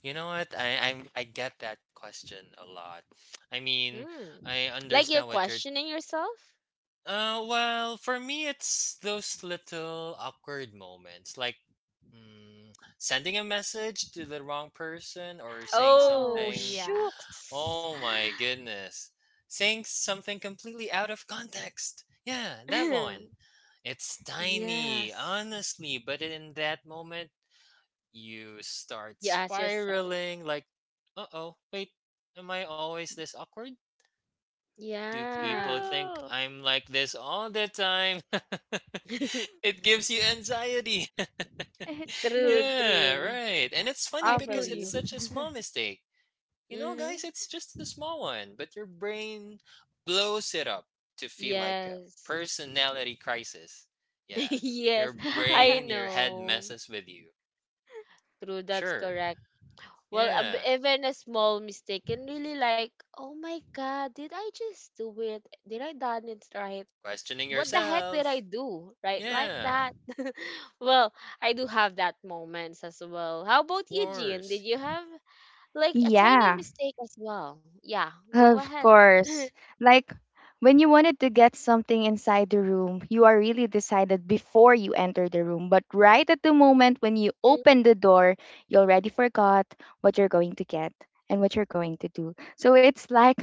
You know what? I get that question a lot. I mean,
Hmm.
I
Like you're
understand what you're
questioning yourself?
uh, well, for me, it's those little awkward moments, like mm, sending a message to the wrong person or saying
Oh
Oh,
something.
yeah,
shooks.
Oh my goodness. Saying something completely out of context. Yeah, that one.
(laughs)
It's
(sighs)
tiny,
Yes.
honestly, but in that moment, you start
You ask yourself.
spiraling like, uh oh, wait, am I always this awkward? Do people
Yeah.
think
true. (laughs)
I'm like this all the time?
(laughs)
(laughs) It gives you anxiety. (laughs)
It's
True,
true.
Yeah,
true.
right. And it's funny
I
I
feel
feel
because it's
you.
you.
such a small mistake. You know,
Hmm.
guys, it's just a small one, but your brain blows it up to feel like a
Yes.
personality crisis.
(laughs)
Yeah.
Yes.
Your
I
brain, your
(laughs)
head
know.
messes with you.
True, that's
Sure.
correct. Well,
Yeah.
even a small mistake can really like, oh my god, did I just do it? Did I done it right?
Questioning
What the heck did I
yourself.
do? Right, like
Yeah.
that. (laughs) Well, I do have that moments as well. How
Of
about you, Jean? Did
course.
you have like a tiny
Yeah,
mistake as well? Yeah, go
of
ahead. (laughs)
course. Like when you wanted to get something inside the room, you are really decided before you enter the room. But right at the moment when you
Mm,
open the door, you already forgot what you're going to get and what you're going to do. So it's like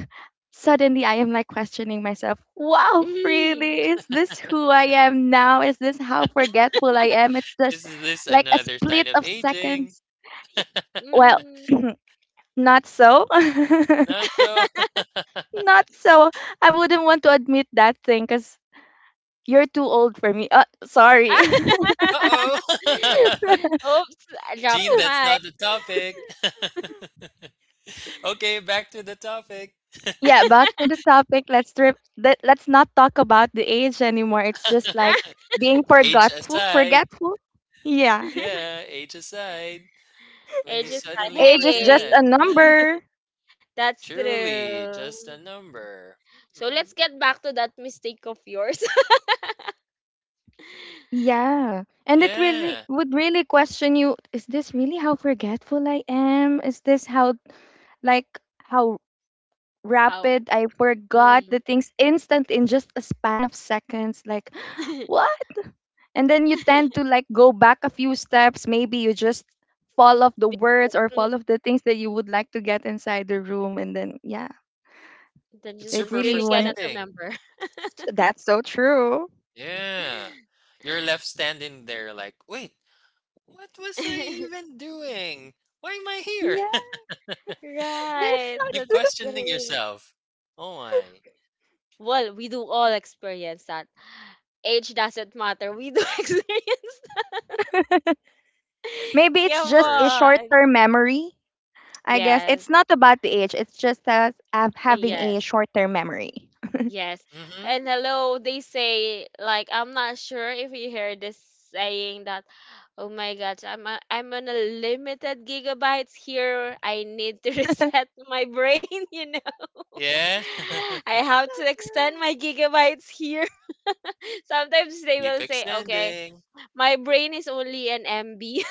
suddenly I am like questioning myself, wow,
mm,
really? Is this who I am now? Is this how forgetful I am? It's just
Is this
like a
another
split
sign
of
of aging?
seconds. Well,
mm.
(clears throat) not so.
Not
(laughs)
so. (laughs)
Not so. I wouldn't want to admit that thing because you're too old for me. Sorry.
Uh-oh.
(laughs)
(laughs)
Oops, I dropped
Gene,
the
that's
mic.
not the topic. (laughs) Okay, back to the topic.
(laughs) Yeah, back to the topic. Let's trip. Let's not talk about the age anymore. It's just like being
(laughs) Age
forgetful.
aside.
Forgetful. Yeah.
(laughs)
Yeah, age aside. When
It's
you
just like,
suddenly
Age is just
hey.
forget.
a
Yeah,
number.
That's
truly, just
true.
a number.
So
Hmm.
let's get back to that mistake of yours.
Yeah. And it really
Yeah,
would really question you, is this really how forgetful I am? Is this how, like, how
(laughs) How?
rapid. I forgot the
Mm. (laughs)
things instant in just a span of seconds. Like, (gasps) what? And then you tend to like go back a few steps. Maybe you just fall off the words or fall off the things that you would like to get inside the room. And then, yeah,
Then
it's
just
it
just
super
really
really
cannot
went.
frustrating.
remember.
That's so true.
Yeah.
(laughs)
You're left standing there like, wait, what was I even doing? Why am I
Yeah,
here?
(laughs) that's
Right,
not
You're
that's
true.
questioning
true.
yourself. Oh my.
Well, we do all experience that. Age doesn't matter. We do (laughs) experience that.
Maybe it's
Come
just a
First.
short
on.
term memory. I guess it's
Yes.
not about the age, it's just us having a
Yes.
short term memory.
Yes.
Mm-hmm.
And hello, they say like I'm not sure if you heard this saying that oh my gosh, I'm on a limited gigabytes here. I need to (laughs) reset my brain, (laughs) you know.
Yeah.
I
(laughs)
have to
So
extend my gigabytes here. (laughs) Sometimes they
Keep
will say, "Okay,
extending.
my brain is only an MB."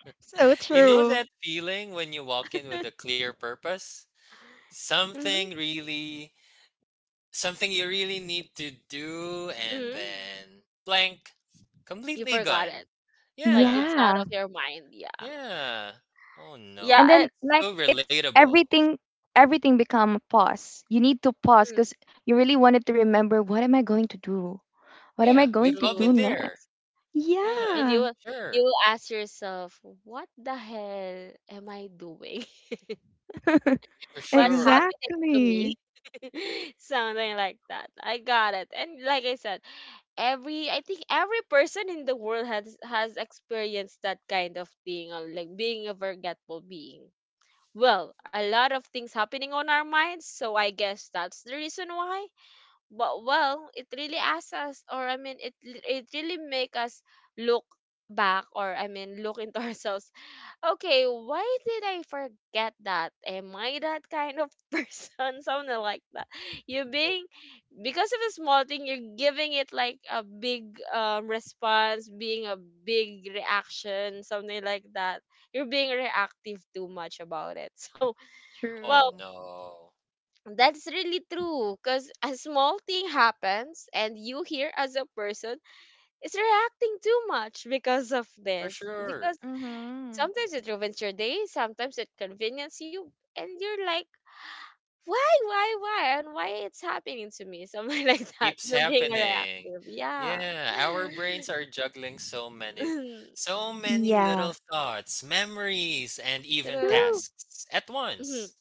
true. So
You know
true.
that feeling when you walk in with a clear purpose?
(laughs)
Something
hmm
really, something you really need to do, and
hmm
then blank,
You
completely
forgot
gone.
it. Like
Yeah.
it's out
Yeah.
of your mind. Yeah.
Yeah. Oh
And
no.
Yeah,
then
it,
It's
like
so
it's
relatable.
everything everything become a pause, you need to pause
mm,
because you really wanted to remember what am I going to do, what am
Yeah.
I
We've
going to
all been
do
true.
there.
next.
Yeah.
And
Yeah.
you
Sure.
will ask yourself, what the hell am I doing? (laughs)
(laughs)
For
What's
sure.
happening to me?
Exactly.
(laughs) Something like that. I got it. And like I said, every I think every person in the world has experienced that kind of thing, like being a forgetful being. Well, a lot of things happening on our minds, so I guess that's the reason why. But well, it really asks us, or I mean, it really make us look back, or I mean, look into (laughs) ourselves. Okay, why did I forget that? Am I that kind of (laughs) person? Something like that. You being, because of a small thing, you're giving it like a big response, being a big reaction, something like that. You're being reactive too much about it. (laughs) So
Oh
well,
True.
no.
that's really true, because a small thing happens and you here as a person is reacting too much because of
For
this. Because
sure.
Mm-hmm.
sometimes it ruins your day, sometimes it conveniences you, and you're like, why, and why it's happening to me? Something (laughs) like that.
Keeps
You're being
happening.
reactive. Yeah. (laughs)
Yeah, our brains are juggling so many,
Mhm.
so many
Yeah.
little thoughts, memories, and even
True.
True.
tasks at
Hmm
once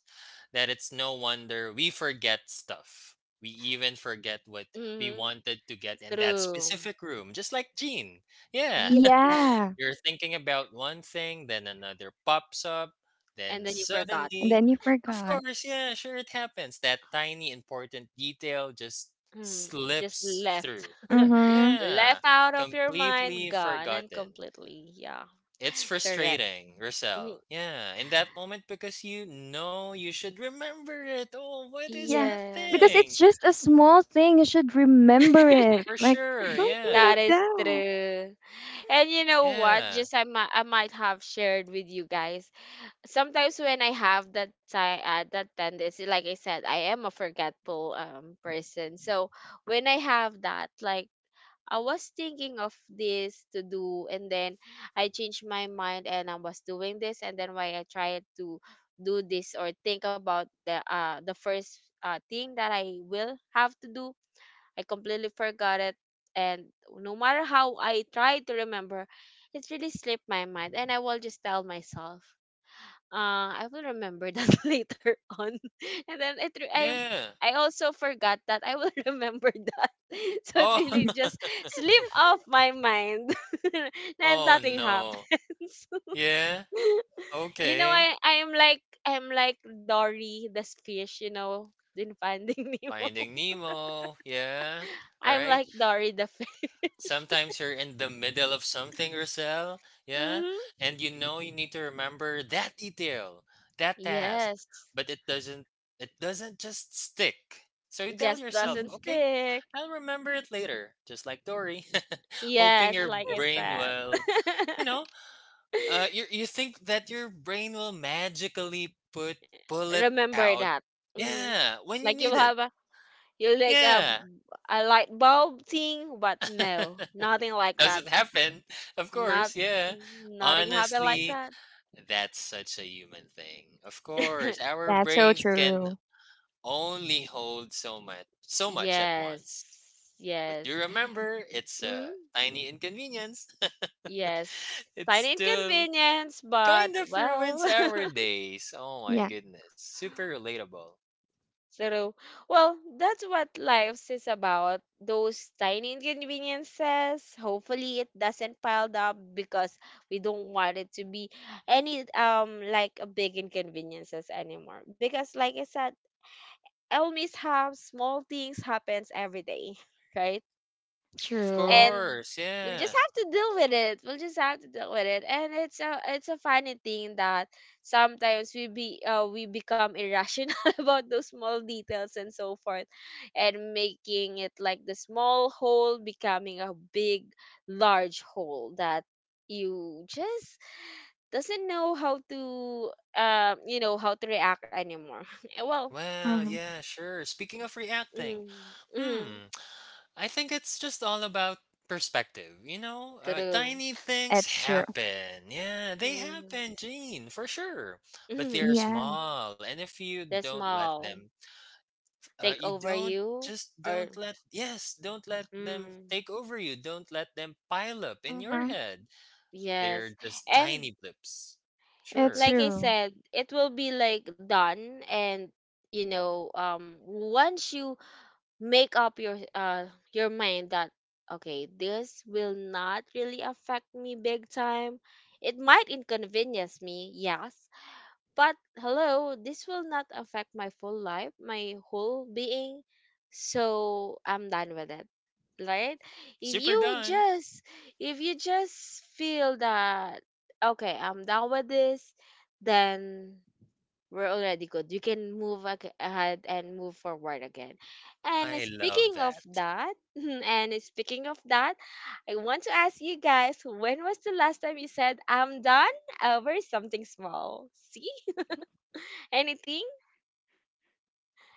that it's no wonder we forget stuff. We even forget what we
hmm
wanted to get in that
True.
specific room, just like Jean. Yeah.
Yeah.
Yeah.
You're thinking about one thing, then another pops up, then
And then you forgot.
And
suddenly,
then you
of
forgot.
course, yeah, sure, it happens. That tiny important detail just
Mm, just
slips
left
through.
Mm-hmm.
(laughs)
Yeah,
left out of your mind,
completely
gone and
forgotten.
completely, yeah.
It's
Correct.
frustrating,
Mm,
Rosel. Yeah, in that moment because you know you should remember it. Oh, what is
Yeah,
that
because
thing?
yes,
it's just a small thing, you should remember it,
For
like
sure,
something like
yeah,
that is
that.
true. And you know what,
yeah,
just I might have shared with you guys sometimes when I have that time, that tendency, like I said, I am a forgetful person. So when I have that, like, I was thinking of this to do, and then I changed my mind and I was doing this, and then why I tried to do this or think about the first thing that I will have to do. I completely forgot it, and no matter how I try to remember, it really slipped my mind, and I will just tell myself, I will remember that (laughs) later on. (laughs) And then I've
yeah.
I also forgot that I will (laughs) remember that. (laughs) So it
Oh,
really
(laughs)
just slip off my mind (laughs)
(laughs)
and
oh
nothing
no.
happens.
Yeah.
(laughs) You know,
Okay.
I am like I'm like Dory the fish, you know, in Finding (laughs) Nemo.
Finding Nemo. Yeah.
I'm
Right?
like Dory the fish.
Sometimes you're in the middle of something, Rosel.
(laughs)
Yeah.
hmm
And you know you need to remember that detail, that task.
Yes.
But it doesn't just stick. So you tell
Just
Hmm.
yourself,
doesn't
okay,
stick.
I'll remember it later, just like Dory. (laughs) Hoping
Yes,
your
like I
brain
said.
will, you know,
(laughs)
you think that your brain will magically put pull it
Remember
out.
that. hmm.
Yeah, when you
Like
need
you'll
it.
have a, you like a
Yeah.
a light bulb thing, but no, nothing
(laughs)
like that.
Doesn't happen, of
Not
course, yeah.
nothing happen like
Honestly,
that.
that's such a human thing. Of
(laughs)
course, our
That's so
brains can
true.
only hold so much, so much at once.
Yes,
But do
yes,
remember, it's
mm,
a tiny inconvenience. (laughs)
yes.
It
Tiny
still
inconvenience,
kind
but
of
well,
ruins our
(laughs)
days. Oh my
Yeah.
goodness, super relatable.
so, well, that's what life is about. Those tiny inconveniences. Hopefully, it doesn't pile up, because we don't want it to be any like a big inconveniences anymore. Because, like I said, all mishaps, small things happens every day, (laughs) right?
Of
True.
And
course,
we'll
yeah.
just have to deal with it. We'll just have to deal with it. And it's a, it's a funny thing that sometimes we become irrational (laughs) about those small details and so forth, and making it like the small hole becoming a big, large hole that you just doesn't know how to, you know, how to react anymore. (laughs) Eh, well,
Well,
Hmm.
yeah, sure. Speaking of reacting,
mm, mm,
hmm. I think it's just all about perspective, you know?
true.
Tiny things
It's true.
happen. Yeah, they
Mm,
happen, Gene, for sure. But they're
mm,
Yeah.
small. And if you
that's
don't let
small.
them,
Take
you
over
don't
you,
just
or
don't let, yes, don't let them
mm,
take over you. Don't let them pile up in your
Hmm.
head.
yes.
They're just
And
tiny blips.
It's
Sure.
like I
true.
said, it will be like done. And you know, once you make up your mind that okay, this will not really affect me big time, it might inconvenience me, yes. But hello, this will not affect my full life, my whole being. So I'm done with it. Right? If
Super
you
done.
just, if you just feel that okay, I'm done with this, then we're already good. You can ahead and move forward again. And
I love
speaking of
that.
that, (laughs) and speaking of that, I want to ask you guys, when was the last time you said I'm done over something small? See? Anything?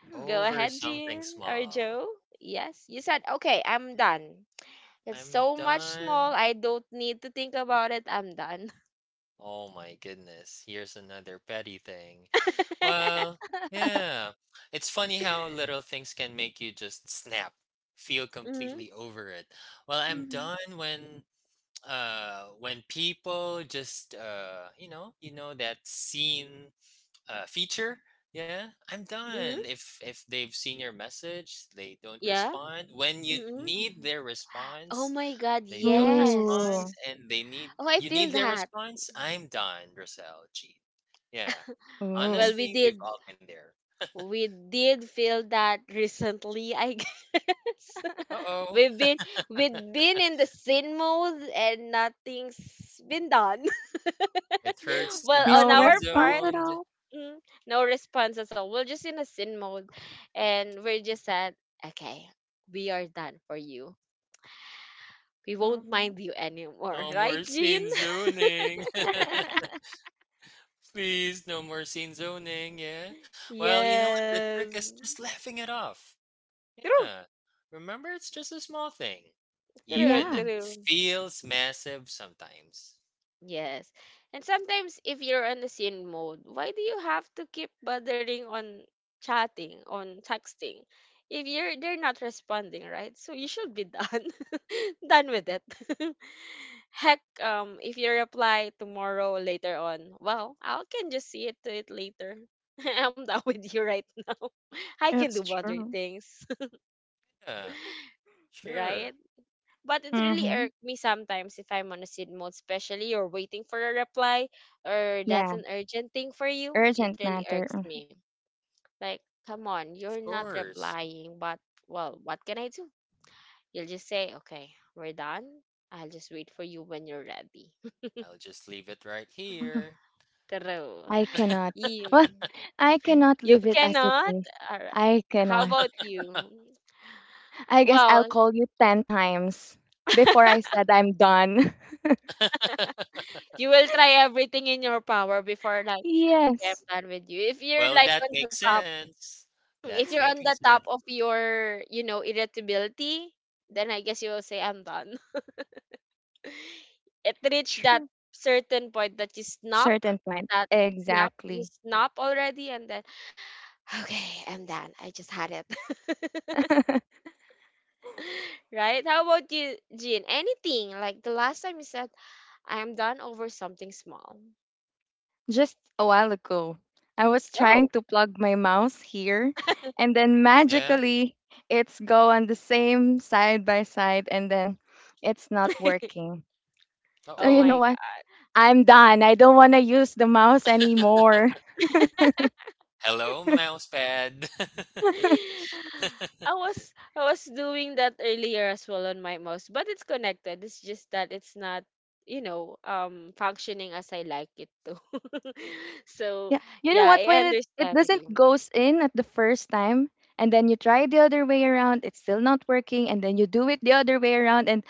Hmm.
Go
Over
ahead,
something
Jean or
small.
Joe. Yes, you said, okay, I'm done. It's
I'm
so much small.
done.
I don't need to think about it. I'm done.
Oh my goodness, here's another petty thing.
(laughs)
Well,
(laughs)
yeah. It's funny how little things can make you just snap, feel
Mm-hmm.
completely over it. Well, I'm
Hmm.
done when people just you know that scene feature. Yeah, I'm done.
Mm-hmm.
If they've seen your message, they don't
Yeah.
respond. When you
Mm-hmm.
Hmm.
need their
Oh
response,
my God,
they don't respond,
Ooh.
yes.
and they need
Oh, I
you
feel
need their
that.
response. I'm done, Roselle Jean. Yeah,
Ooh.
Well, we
honestly, we've
did.
all been there.
We did feel that recently, I (laughs) guess.
Uh
(laughs)
oh,
We've been, we've been in the sin mode and nothing's been done.
it
Yeah.
(laughs)
hurts to
Well,
be
on
No
our
scene
response
part,
at
zoned.
all.
mm, no response at all. We're just in a sin mode, and we're just said, okay, we are done for you. We won't
Hmm.
mind you anymore, (laughs)
No
right,
more
Jean?
scene zoning.
(laughs)
(laughs) Please, no more scene zoning. Yeah. Well, you know what? The trick
Yes.
is just laughing it off.
True,
Yeah. Remember, it's just a small thing.
true,
Even
Yeah.
it
true.
feels massive sometimes.
Yes. And sometimes if you're on the scene mode, why do you have to keep bothering on chatting, on texting? If you're they're not responding, right? So you should be done. (laughs) Done with it. (laughs) Heck, if you reply tomorrow later on, well, I can just see it to it later. (laughs) I'm done with you right now. (laughs) I can do
It's
other
true.
things, (laughs)
Yeah,
right?
sure.
But it really
Hmm.
irked me sometimes if I'm on a seed mode, especially you're waiting for a reply or that's
Yeah.
an urgent thing for you. It
Urgent
really
matter.
irks
Mhm.
me. Like, come on,
Of
you're not
course.
replying, but well, what can I do? You'll just say, okay, we're done. I'll just wait for you when you're ready. (laughs)
I'll just leave it right here.
(laughs)
True.
I cannot. Well,
You,
(laughs) I cannot
you
leave it as it
cannot?
is.
All right.
I
How
cannot.
about you?
(laughs)
I guess I'll
Well,
call you 10 times before I said I'm done.
you will try everything in your power before,
(laughs)
like, okay, I'm
Yes.
done with you. If you're
Well,
like
that
on the
makes
top,
sense.
mm, if
That's
you're on
making
the top
sense.
of your, you know, irritability, then I guess you will say I'm done. (laughs) It reached
True.
that certain point that you snap,
Certain point.
that yep, you
Exactly.
snap already, and then (laughs) okay, I'm done. I just had it. (laughs)
(laughs)
Right? How about you, Jean? Anything like the last time you said I'm done over something small.
Just a while ago, I was trying
Oh.
to plug my mouse here, and then
Yeah.
magically it's go on the same side by side, and then it's not working. So
Oh
you know
Uh-oh.
my.
what? I'm done. I don't want to use the mouse anymore.
Hello, mouse pad. (laughs)
(laughs) I was, I was doing that earlier as well on my mouse, but it's connected. It's just that it's not, you know, functioning as I like it to. (laughs) So
Yeah. You know
yeah,
what?
I
When it
understand
doesn't
you.
goes in at the first time and then you try the other way around, it's still not working, and then you do it the other way around and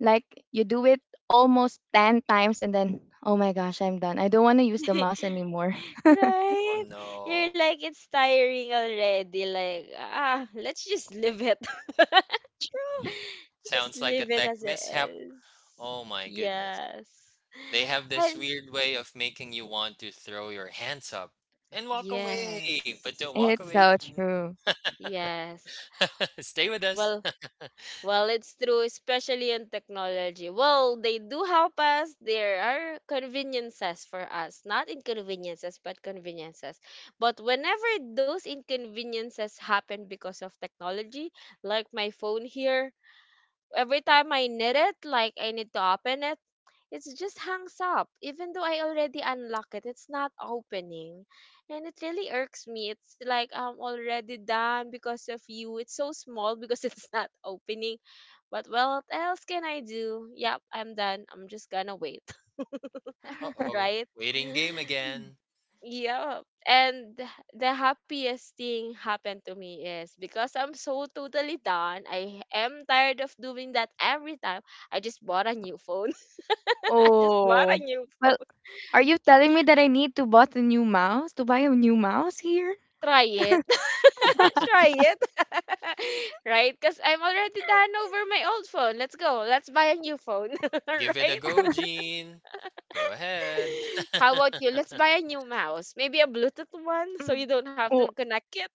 like you do it almost 10 times and then oh my gosh, I'm done. I don't want to use the mouse
(laughs)
anymore. (laughs)
Oh
Right? You're
no.
like it's tiring already. Like ah, let's just live it. (laughs)
True.
Just
Sounds like a
leave it
tech
as it
mishap.
is.
Oh my goodness.
Yes.
They have this
And
weird way of making you want to throw your hands up and walk away. But don't
yes.
walk
It's
away,
so
Gene.
true.
Yes.
(laughs) Stay with us.
Well, well, it's true, especially in technology. Well, they do help us. There are conveniences for us, not inconveniences, but conveniences. But whenever those inconveniences happen because of technology, like my phone here, every time I need it, like I need to open it, it just hangs up. Even though I already unlock it, it's not opening. And it really irks me. It's like I'm already done because of you. It's so small because (laughs) it's not opening, but what else can I do? Yep, I'm done. I'm just gonna wait, (laughs)
Uh oh.
(laughs)
right?
Waiting game
(laughs)
again.
Yeah. And the happiest thing happened to me is because I'm so totally done. I am tired of doing that every time. I just bought a new phone. (laughs) I just bought a
Oh.
new
Well,
phone.
are you telling me that I need to bought a new mouse? To buy a new mouse here?
Try it. (laughs) Try it. (laughs) Right? Because I'm already done over my old phone. Let's go. Let's buy a new phone. (laughs)
Give it a
Right?
go, Gene. Go ahead.
How about you?
(laughs)
Let's buy a new mouse. Maybe a Bluetooth one so
Mm.
you don't have to
Oh,
connect it.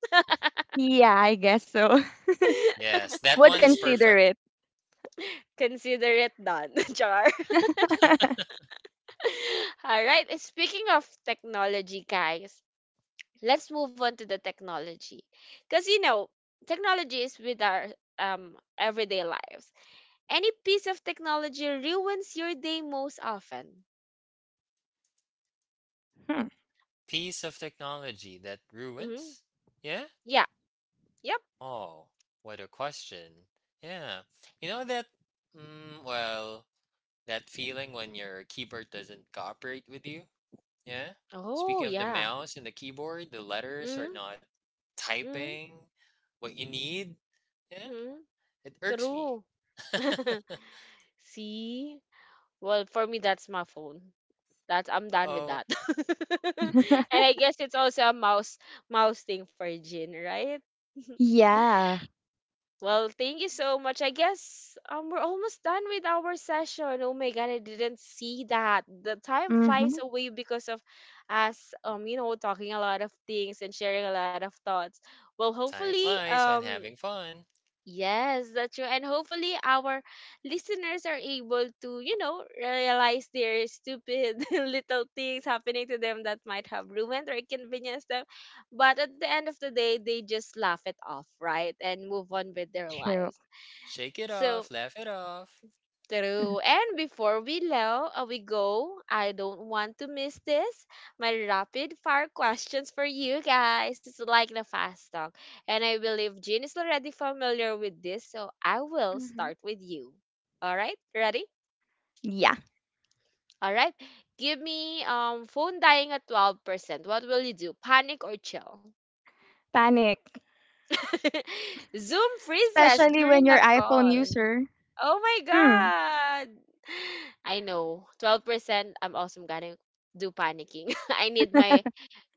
yeah, I guess so.
(laughs)
(laughs)
Yes, that
Would
one is
consider
perfect.
it.
Consider it done. (laughs) Char.
(laughs)
(laughs) All right. And speaking of technology, guys, let's move on to the technology. Because, you know, technology is with our everyday lives. Any piece of technology ruins your day most often.
Piece of technology that
Hmm
ruins? Yeah?
Yeah. Yep.
Oh, what a question. Yeah. You know that, well, that feeling when your keyboard doesn't cooperate with you? Yeah.
Oh,
Speaking of the
yeah.
mouse and the keyboard, the letters are
Mm-hmm.
not typing what you need. Yeah.
Mm-hmm.
It irks me.
True.
(laughs)
(laughs)
Uh
See? Well, for me, that's my phone. That's I'm done with
oh.
that. (laughs) And I guess it's also a mouse thing for Jin, right? (laughs)
Yeah.
Well, thank you so much. I guess we're almost done with our session. Oh my god, I didn't see that. The time flies
Mhm.
away because of us, you know, talking a lot of things and sharing a lot of thoughts. Well,
Time
hopefully
flies when having fun.
yes, that's true. And hopefully our listeners are able to, you know, realize their stupid (laughs) little things happening to them that might have ruined or inconvenienced them. But at the end of the day, they just laugh it off, right? And move on with their
True.
lives.
Shake it off,
So
laugh it off.
true. And before we go, I don't want to miss this. My rapid fire questions for you guys. It's like the fast talk. And I believe Jean is already familiar with this, so I will
Mhm.
start with you. All right? Ready?
Yeah.
All right. Give me phone dying at 12%. What will you do? Panic or chill?
Panic,
(laughs) Zoom freezes
especially when
during a
you're iPhone
call.
user.
Oh my
Hmm.
god. (sighs) I know. 12% I'm also gonna do panicking. (laughs) I need my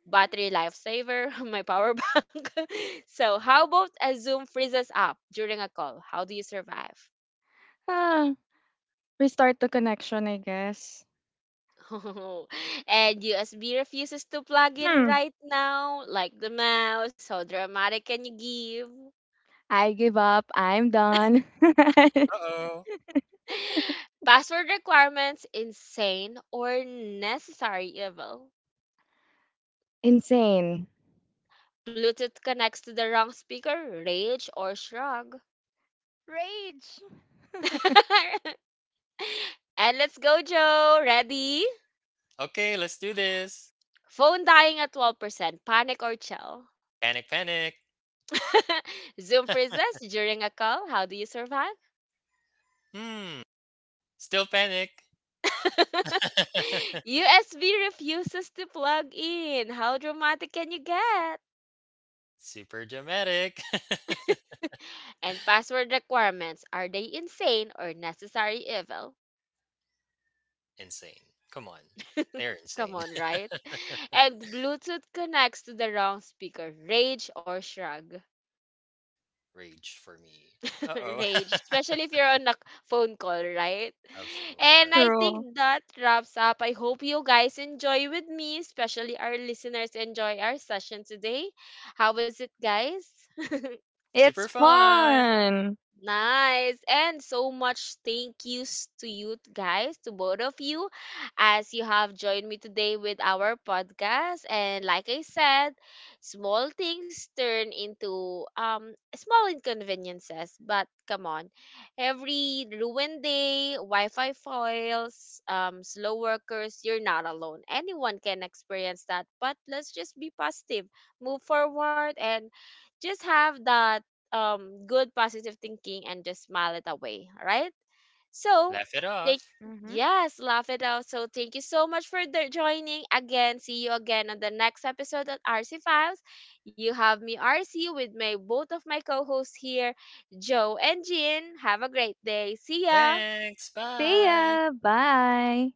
battery lifesaver, (laughs) my power bank. (laughs) So how about a Zoom freezes up during a call? How do you survive?
Ah, restart the connection, I guess.
(laughs) And USB refuses to plug in
Hmm.
right now, like the mouse. How dramatic can you give?
I give up. I'm done. (laughs)
Uh oh.
(laughs) Password requirements, insane or necessary evil.
Insane.
Bluetooth connects to the wrong speaker, rage or shrug.
Rage.
(laughs) And let's go, Joe. Ready?
Okay, let's do this.
Phone dying at 12%, panic or chill.
Panic, panic.
(laughs) Zoom
(laughs)
freezes during a call, how do you survive?
Hmm. Still panic.
(laughs)
(laughs)
USB refuses to plug in. How dramatic can you get?
Super dramatic.
And password requirements, are they insane or necessary evil?
(laughs) Insane. Come on. They're
(laughs) Come
insane.
on, right? And Bluetooth connects to the wrong speaker. Rage or shrug.
(laughs) Rage for me. Uh
(laughs)
oh.
Rage. Especially if you're on a phone call, right?
(laughs) Of
And
course.
I
True.
think that wraps up. I hope you guys enjoy with me, especially our listeners enjoy our session today. How was it, guys?
Super
It's
fun.
fun.
Nice. And so much thank yous to you guys, to both of you, as you have joined me today with our podcast. And like I said, small things turn into small inconveniences. But come on, every ruined day, Wi-Fi foils, slow workers, you're not alone. Anyone can experience that. But let's just be positive, move forward, and just have that good positive thinking and just smile it away, right? So
Laugh it
like
off.
Mm-hmm.
yes, laugh it out. So thank you so much for the joining again. See you again on the next episode of RC Files. You have me RC with my both of my co-hosts here, Joe and Jean. Have a great day. See ya.
Thanks.
See
Bye.
ya. Bye.